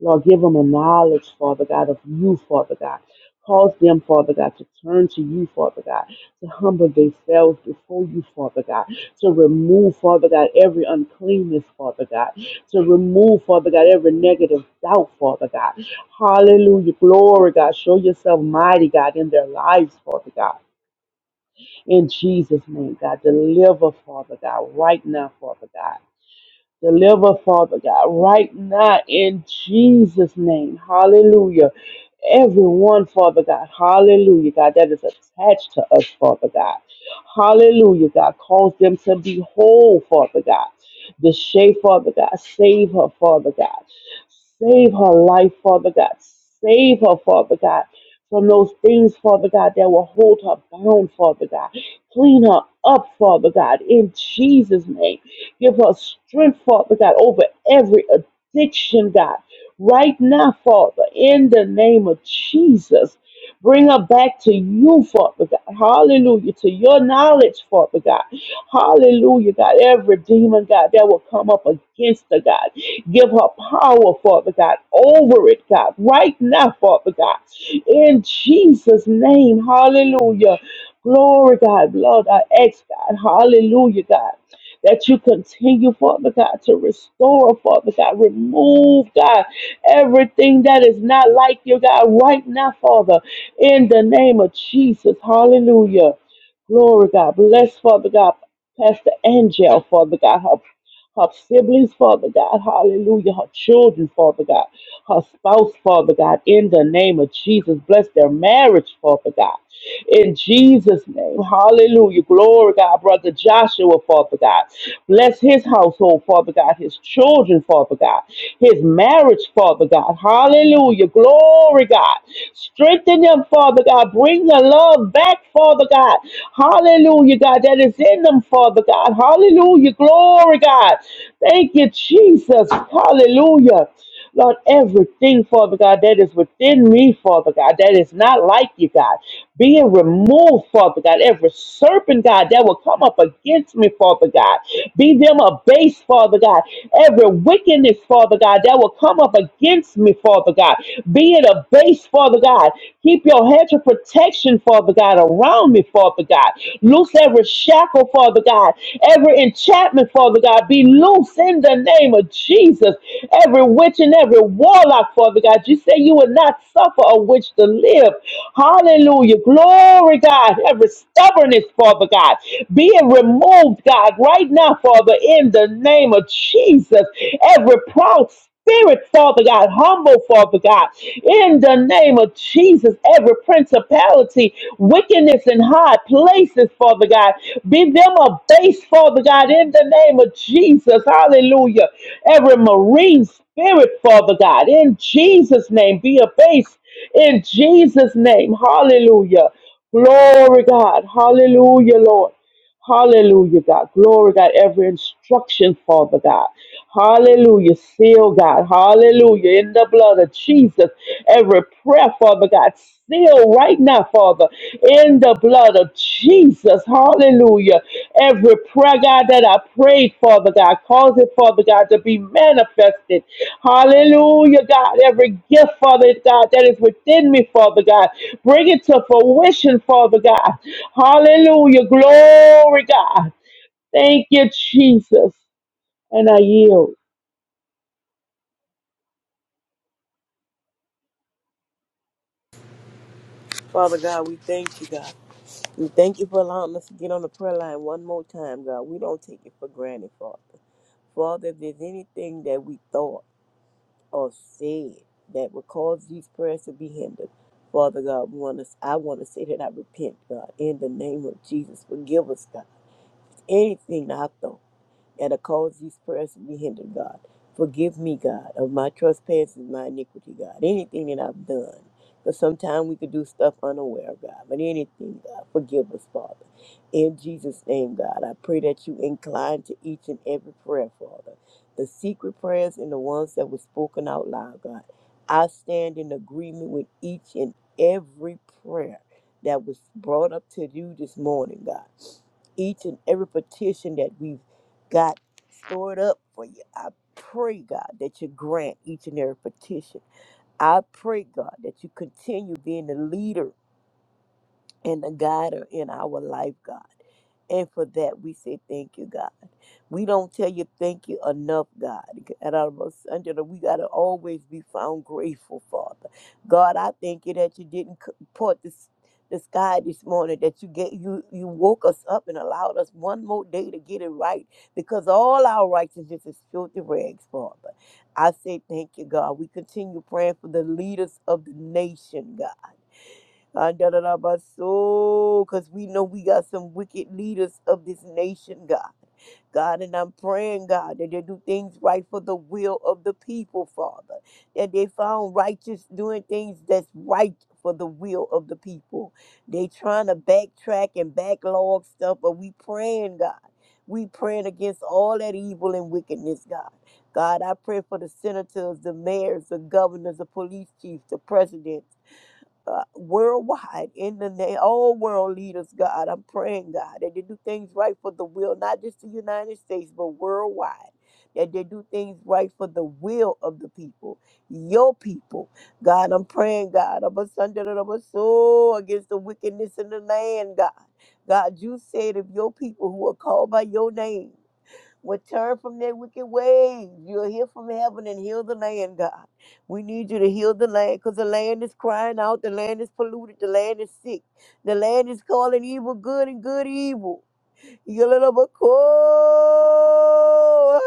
[SPEAKER 3] Lord, give them a knowledge, Father God, of you, Father God. Cause them, Father God, to turn to you, Father God, to humble themselves before you, Father God, to remove, Father God, every uncleanness, Father God, to remove, Father God, every negative doubt, Father God. Hallelujah. Glory, God. Show yourself mighty, God, in their lives, Father God. In Jesus' name, God, deliver, Father God, right now, Father God. Deliver, Father God, right now in Jesus' name. Hallelujah. Everyone, Father God, hallelujah, God, that is attached to us, Father God. Hallelujah, God, cause them to be whole, Father God. The shape, Father God, save her, Father God. Save her life, Father God. Save her, Father God, from those things, Father God, that will hold her bound, Father God. Clean her up, Father God, in Jesus' name. Give her strength, Father God, over every addiction, God. Right now, Father, in the name of Jesus, bring her back to you, Father God. Hallelujah. To your knowledge, Father God. Hallelujah, God. Every demon, God, that will come up against her, God. Give her power, Father God, over it, God. Right now, Father God. In Jesus' name, hallelujah. Glory, God. Lord, I ask, God. Hallelujah, God that you continue, Father God, to restore, Father God, remove, God, everything that is not like you, God, right now, Father, in the name of Jesus. Hallelujah. Glory, God. Bless, Father God. Pastor Angel, Father God, her her siblings, Father God, hallelujah, her children, Father God, her spouse, Father God, in the name of Jesus. Bless their marriage, Father God. In Jesus' name, hallelujah. Glory, God, brother Joshua, Father God. Bless his household, Father God, his children, Father God, his marriage, Father God. Hallelujah. Glory, God. Strengthen them, Father God. Bring the love back, Father God. Hallelujah, God, that is in them, Father God. Hallelujah. Glory, God. Thank you, Jesus. Hallelujah. Lord, everything, Father God, that is within me, Father God, that is not like you, God, being removed, Father God, every serpent, God, that will come up against me, Father God, be them abased, Father God, every wickedness, Father God, that will come up against me, Father God, be it abased base, Father God. Keep your hedge of protection, Father God, around me, Father God. Loose every shackle, Father God. Every enchantment, Father God, be loose in the name of Jesus. Every witch and every warlock, Father God. You say you would not suffer a witch to live. Hallelujah. Glory, God. Every stubbornness, Father God, be it removed, God, right now, Father, in the name of Jesus. Every proud spirit, Father God, humble, Father God, in the name of Jesus, every principality, wickedness in high places, Father God, be them a base, Father God, in the name of Jesus, hallelujah. Every marine spirit, Father God, in Jesus' name, be a base, in Jesus' name, hallelujah. Glory, God, hallelujah, Lord. Hallelujah, God. Glory, God. Every instruction, Father God. Hallelujah. Seal, God. Hallelujah. In the blood of Jesus. Every prayer, Father God. Seal right now, Father. In the blood of Jesus. Hallelujah. Every prayer, God, that I prayed, Father God, cause it, Father God, to be manifested. Hallelujah, God. Every gift, Father God, that is within me, Father God, bring it to fruition, Father God. Hallelujah, glory, God. Thank you, Jesus. And I yield.
[SPEAKER 4] Father God, we thank you, God. We thank you for allowing us to get on the prayer line one more time, God. We don't take it for granted, Father. Father, if there's anything that we thought or said that would cause these prayers to be hindered, Father God, we want to, I want to say that I repent, God, in the name of Jesus. Forgive us, God. Anything that I thought and I cause these prayers to be hindered, God. Forgive me, God, of my trespasses, and my iniquity, God. Anything that I've done. Because sometimes we could do stuff unaware, God. But anything, God, forgive us, Father. In Jesus' name, God, I pray that you incline to each and every prayer, Father. The secret prayers and the ones that were spoken out loud, God. I stand in agreement with each and every prayer that was brought up to you this morning, God. Each and every petition that we've got stored up for you. I pray, God, that you grant each and every petition. I pray, God, that you continue being the leader and the guider in our life, God. And for that, we say thank you, God. We don't tell you thank you enough, God. At our most under the- we got to always be found grateful, Father. God, I thank you that you didn't c- part this the sky this morning that you get you you woke us up and allowed us one more day to get it right because all our righteousness is filthy rags, Father. I say thank you, God. We continue praying for the leaders of the nation, God. Because we know we got some wicked leaders of this nation, God. God, and I'm praying, God, that they do things right for the will of the people, Father. That they found righteous doing things that's right for the will of the people. They trying to backtrack and backlog stuff, but we praying, God. We praying against all that evil and wickedness, God. God, I pray for the senators, the mayors, the governors, the police chiefs, the president, uh, worldwide in the name, all world leaders, God. I'm praying, God, that they do things right for the will, not just the United States, but worldwide. That they do things right for the will of the people, your people. God, I'm praying, God, of us under the of us soul against the wickedness in the land, God. God, you said if your people who are called by your name, would turn from their wicked ways. You'll hear from heaven and heal the land, God. We need you to heal the land because the land is crying out. The land is polluted. The land is sick. The land is calling evil good and good evil. Yalalabako.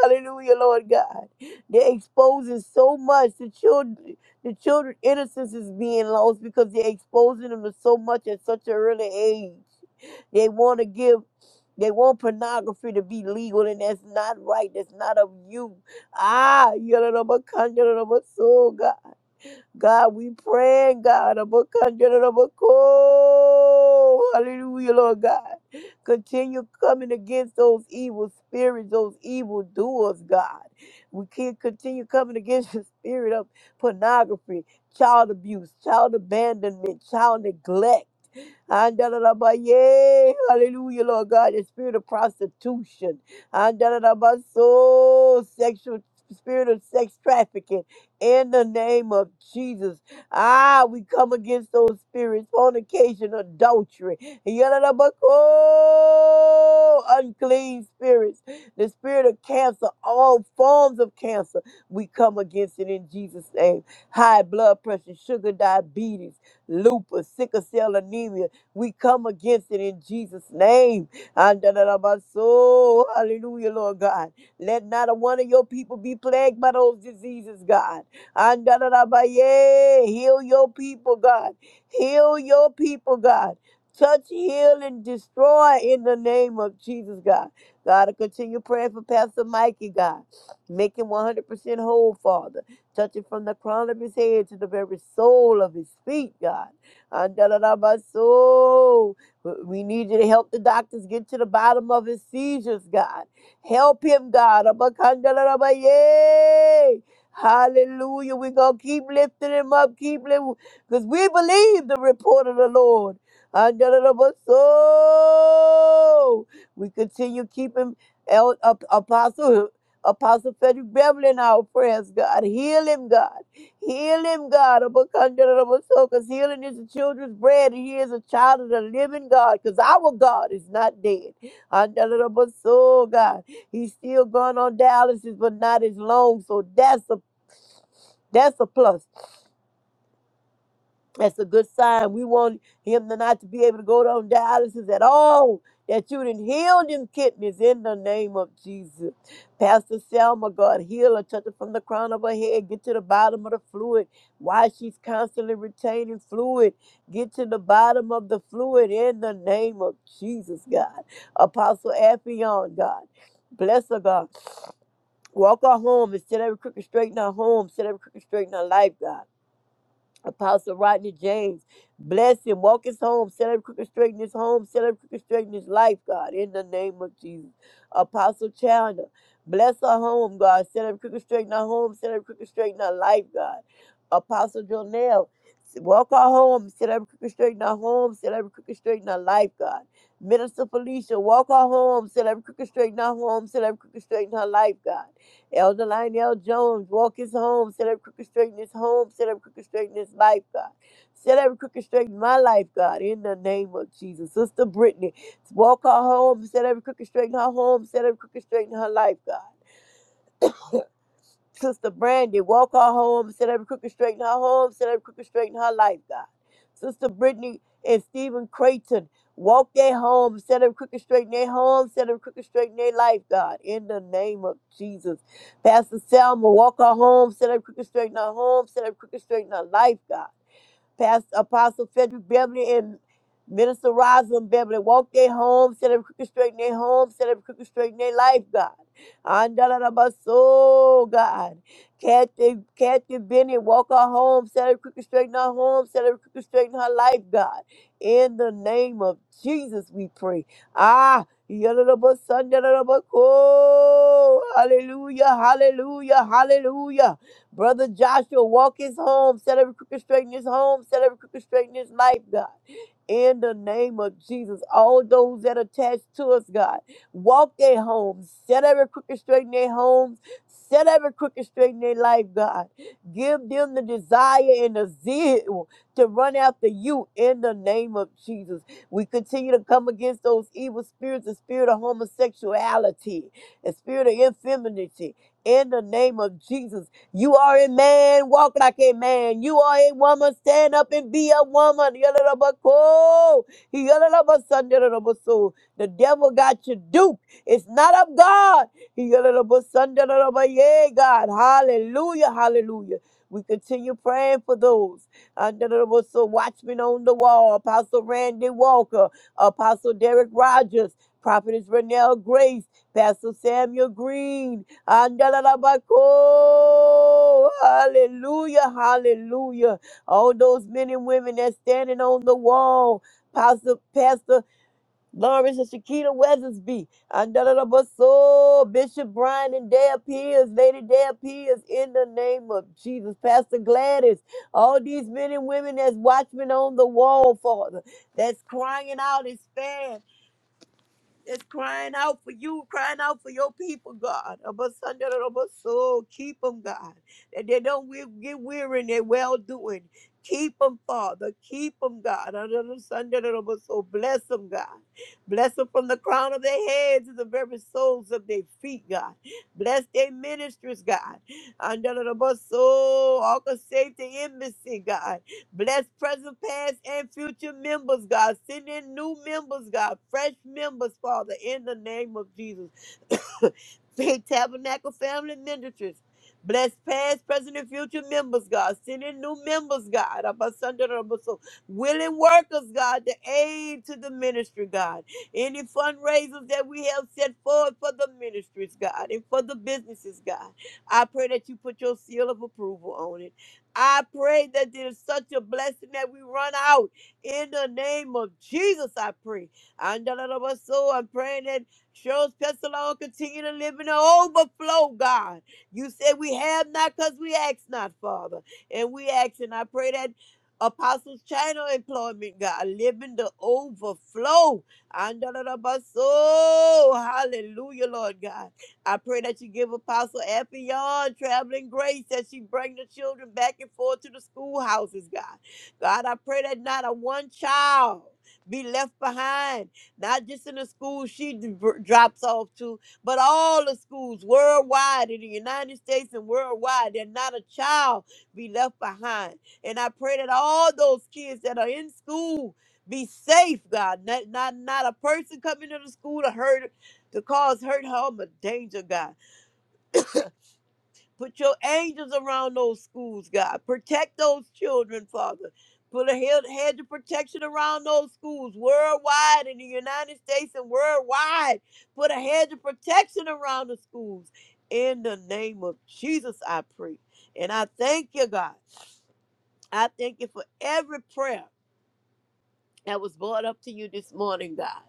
[SPEAKER 4] Hallelujah, Lord God. They're exposing so much. The children, the children innocence is being lost because they're exposing them to so much at such an early age. They want to give they want pornography to be legal, and that's not right. That's not of you. Ah, so God. God, we pray, God, about conjure about cold. Hallelujah, Lord God. Continue coming against those evil spirits, those evil doers, God. We can't continue coming against the spirit of pornography, child abuse, child abandonment, child neglect. Andalalabaye. Hallelujah, Lord God, the spirit of prostitution. Andalalabaso, sexual spirit of sex trafficking. In the name of Jesus. Ah, we come against those spirits, fornication, adultery. Yalalabako, unclean spirits. The spirit of cancer, all forms of cancer. We come against it in Jesus' name. High blood pressure, sugar, diabetes lupus, sickle cell anemia, we come against it in Jesus' name. And da- da- da- ba- so, Hallelujah, Lord God. Let not a one of your people be plagued by those diseases, God. And da- da- da- ba- yeah. Heal your people, God. Heal your people, God. Touch, heal, and destroy in the name of Jesus, God. God, I continue praying for Pastor Mikey, God. Make him 100% whole, Father. Touch him from the crown of his head to the very sole of his feet, God. Andalabaso. We need you to help the doctors get to the bottom of his seizures, God. Help him, God. Abakandalabaye. Hallelujah. We're going to keep lifting him up. Keep lifting. Because we believe the report of the Lord. Andalabaso. We continue keeping El, Ap- Apostle Apostle Frederick Beverly in our prayers, God. Heal him, God. Heal him, God. Because healing is the children's bread, and he is a child of the living God. Because our God is not dead. Andalabaso, God. He's still going on dialysis, but not as long. So that's a that's a plus. That's a good sign. We want him to not to be able to go on dialysis at all. That you didn't heal them kidneys in the name of Jesus. Pastor Selma, God, heal her, touch her from the crown of her head, get to the bottom of the fluid. Why she's constantly retaining fluid, get to the bottom of the fluid in the name of Jesus, God. Apostle Affion, God, bless her, God. Walk her home and set every crooked straight in her home, set every crooked straight in her life, God. Apostle Rodney James. Bless him. Walk his home. Set him crooked straight in his home. Set him crooked straight in his life, God, in the name of Jesus. Apostle Chandler. Bless her home, God. Set him crooked straight in her home. Set him crooked straight in her life, God. Apostle Jonell. Walk her home. Set him crooked straight in her home. Set him crooked straight in her life, God. Minister Felicia. Walk her home. Set him crooked straight in her home. Set him crooked straight in her life, God. Elder Lionel Jones, walk his home, set up crooked straight in his home, set up crooked straight in his life, God. Set up crooked straight in my life, God, in the name of Jesus. Sister Brittany, walk her home, set up crooked straight in her home, set up crooked straight in her life, God. Sister Brandy, walk her home, set every crooked straight in her home, set every crooked straight in her life, God. Sister Brittany and Stephen Creighton, walk their home, set every crooked straight in their home, set every crooked straight in their life, God. In the name of Jesus. Pastor Selma, walk her home, set every crooked straight in her home, set every crooked straight in her life, God. Pastor Apostle Frederick Beverly and Minister Rosalind Beverly walk their home, set up crooked straight in their home, set up crooked straight in their life, God. Andalabasol, God. Kathy, Kathy Bennett, walk her home, set her crooked straight in her home, set her crooked straight in her life, God. In the name of Jesus, we pray. Ah, yadadaba, sandadadaba, oh, hallelujah, hallelujah, hallelujah. Brother Joshua, walk his home, set every crooked straight in his home, set every crooked straight in his life, God. In the name of Jesus, all those that attach to us, God, walk their homes, set every crooked straight in their homes, set every crooked straight in their life, God. Give them the desire and the zeal to run after you in the name of Jesus. We continue to come against those evil spirits, the spirit of homosexuality, the spirit of infemininity. In the name of Jesus, you are a man, walk like a man. You are a woman, stand up and be a woman. Yalalabako, yalalabasandelalabaso. The devil got you duped. It's not of God. Yalalabasandelabaye, God. Hallelujah, hallelujah. We continue praying for those. So watchmen on the wall, Apostle Randy Walker, Apostle Derek Rogers, Prophetess Renelle Grace, Pastor Samuel Green, Andalabako. Hallelujah, hallelujah. All those men and women that's standing on the wall. Pastor, Pastor Lawrence and Shakita Weathersby. Andalabaso. Bishop Brian and Dale Pierce. Lady Dale Pierce. In the name of Jesus. Pastor Gladys. All these men and women that's watchmen on the wall, Father. That's crying out, expand. It's crying out for you, crying out for your people, God. Abasanda da da ba so. Keep them, God. That they don't we- get weary in their well doing. Keep them, Father. Keep them, God. Abasanda da da ba so. Bless them, God. Bless them from the crown of their heads to the very soles of their feet, God. Bless their ministries, God. Under the bus, all safety embassy, God. Bless present, past, and future members, God. Send in new members, God. Fresh members, Father, in the name of Jesus. Faith Tabernacle Family Ministries. Bless past, present, and future members, God. Send in new members, God. Abasanda rabaso. Willing workers, God, to aid to the ministry, God. Any fundraisers that we have set forward for the ministries, God, and for the businesses, God. I pray that you put your seal of approval on it. I pray that there's such a blessing that we run out in the name of Jesus. I pray. And da- da- da- ba- so I'm praying that Cheryl's Pestalon continue to live in the overflow, God. You said we have not because we ask not, Father. And we ask, and I pray that Apostles China employment, God, live in the overflow. And da- da- da- ba- so hallelujah, Lord God. I pray that you give Apostle Effion traveling grace that she bring the children back and forth to the schoolhouses, God. God, I pray that not a one child be left behind, not just in the school she d- drops off to, but all the schools worldwide in the United States and worldwide, that not a child be left behind. And I pray that all those kids that are in school be safe, God. Not not, not a person coming to the school to hurt to cause hurt, harm, or danger, God. Put your angels around those schools, God. Protect those children, Father. Put a head- hedge of protection around those schools worldwide in the United States and worldwide. Put a hedge of protection around the schools. In the name of Jesus, I pray. And I thank you, God. I thank you for every prayer. that was brought up to you this morning, God.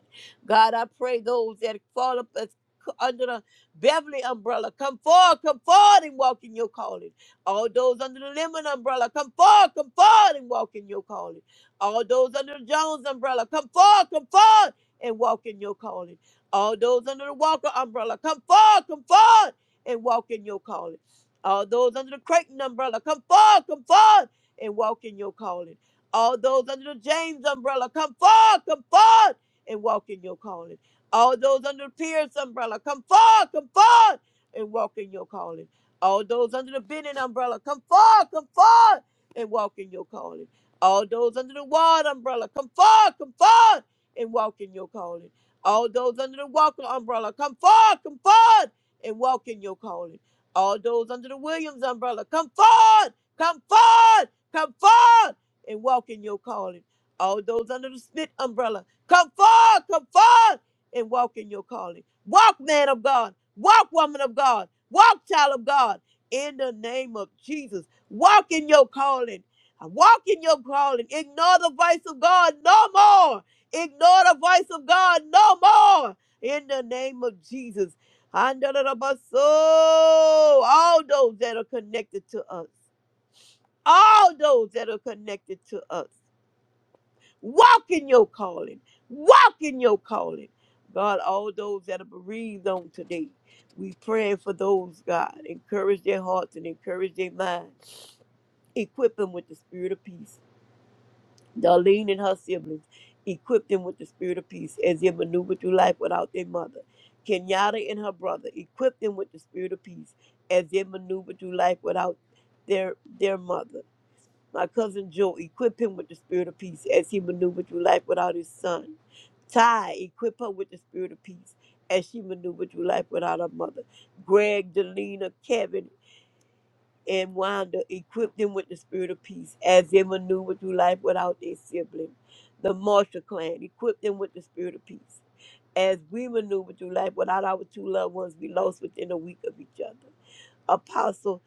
[SPEAKER 4] God, I pray those that fall up as under the Beverly umbrella, come forward, come forward and walk in your calling. All those under the Lemon umbrella, come forward, come forward and walk in your calling. All those under the Jones umbrella, come forward, come forward and walk in your calling. All those under the Walker umbrella, come forward, come forward and walk in your calling. All those under the Creighton umbrella, come forward, come forward and walk in your calling. All those under the James umbrella, come forth, come forth, and walk in your calling. All those under the Pierce umbrella, come forth, come forth, and walk in your calling. All those under the Bennett umbrella, come forth, come forth, and walk in your calling. All those under the Ward umbrella, come forth, come forth, and walk in your calling. All those under the Walker umbrella, come forth, come forth, and walk in your calling. All those under the Williams umbrella, come forth, come forth, come forth and walk in your calling. All those under the spit umbrella, come forth, come forth and walk in your calling. Walk, man of God. Walk, woman of God. Walk, child of God. In the name of Jesus, walk in your calling. Uh, Walk in your calling. Ignore the voice of God no more. Ignore the voice of God no more. In the name of Jesus. Under the bus, oh, all those that are connected to us all those that are connected to us. Walk in your calling. Walk in your calling. God, all those that are bereaved on today, we pray for those, God. Encourage their hearts and encourage their minds. Equip them with the spirit of peace. Darlene and her siblings, equip them with the spirit of peace as they maneuver through life without their mother. Kenyatta and her brother, equip them with the spirit of peace as they maneuver through life without their their mother. My cousin Joe, equip him with the spirit of peace as he maneuvered through life without his son. Ty, equip her with the spirit of peace as she maneuvered through life without her mother. Greg, Delina, Kevin, and Wanda, equip them with the spirit of peace as they maneuver through life without their sibling. The Marshall clan, equip them with the spirit of peace as we maneuver through life without our two loved ones we lost within a week of each other. Apostle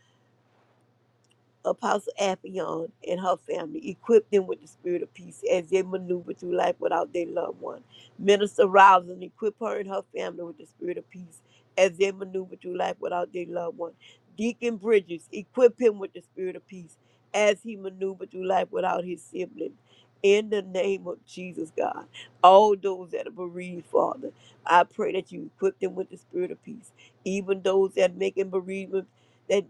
[SPEAKER 4] Apostle Appion and her family, equip them with the spirit of peace as they maneuver through life without their loved one. Minister Rouse and equip her and her family with the spirit of peace as they maneuver through life without their loved one. Deacon Bridges, equip him with the spirit of peace as he maneuvered through life without his sibling. In the name of Jesus, God, all those that are bereaved, Father, I pray that you equip them with the spirit of peace. Even those that making bereavement that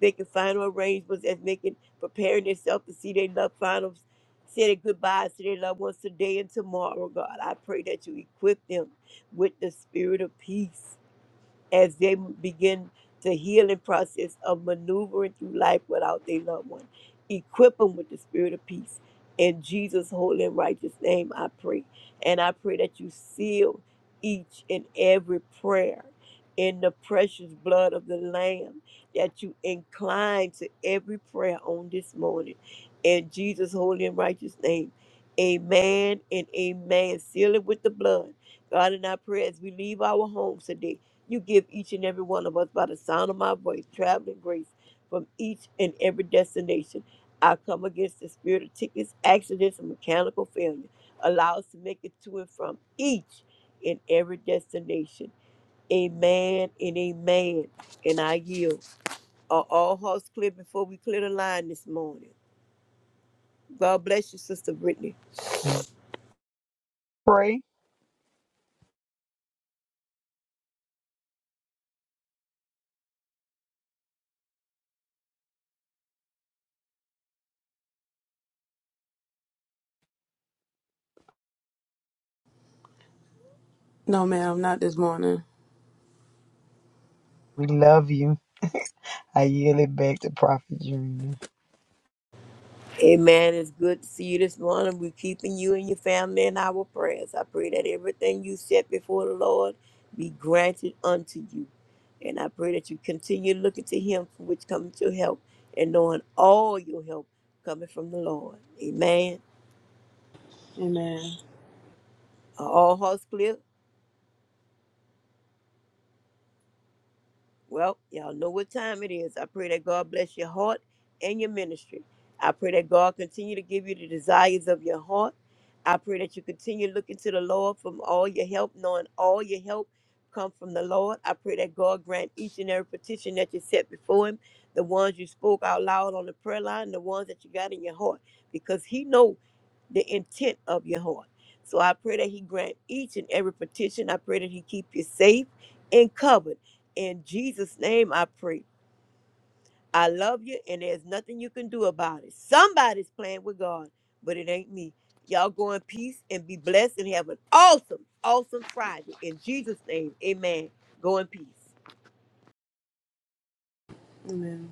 [SPEAKER 4] making final arrangements as making preparing themselves to see their loved final say their goodbyes to their loved ones today and tomorrow, God. I pray that you equip them with the spirit of peace as they begin the healing process of maneuvering through life without their loved one. Equip them with the spirit of peace. In Jesus' holy and righteous name, I pray. And I pray that you seal each and every prayer in the precious blood of the Lamb, that you incline to every prayer on this morning. In Jesus' holy and righteous name, amen and amen. Seal it with the blood. God, and I pray as we leave our homes today you give each and every one of us by the sound of my voice traveling grace from each and every destination. I come against the spirit of tickets, accidents, and mechanical failure. Allow us to make it to and from each and every destination. Amen and amen. And I yield. Are all hearts clear before we clear the line this morning? God bless you, Sister Brittany.
[SPEAKER 5] No, ma'am, not this morning.
[SPEAKER 4] Amen. It's good to see you this morning. We're keeping you and your family in our prayers. I pray that everything you set before the Lord be granted unto you. And I pray that you continue looking to Him for which cometh your help and knowing all your help coming from the Lord. Amen.
[SPEAKER 5] Amen.
[SPEAKER 4] Are all hearts clear? Well, y'all know what time it is. I pray that God bless your heart and your ministry. I pray that God continue to give you the desires of your heart. I pray that you continue looking to the Lord from all your help, knowing all your help come from the Lord. I pray that God grant each and every petition that you set before him, the ones you spoke out loud on the prayer line, the ones that you got in your heart, because he know the intent of your heart. So I pray that he grant each and every petition. I pray that he keep you safe and covered in Jesus' name, I pray. I love you, and there's nothing you can do about it. Somebody's playing with God, but it ain't me. Y'all go in peace and be blessed and have an awesome, awesome Friday. In Jesus' name, amen. Go in peace.
[SPEAKER 5] Amen.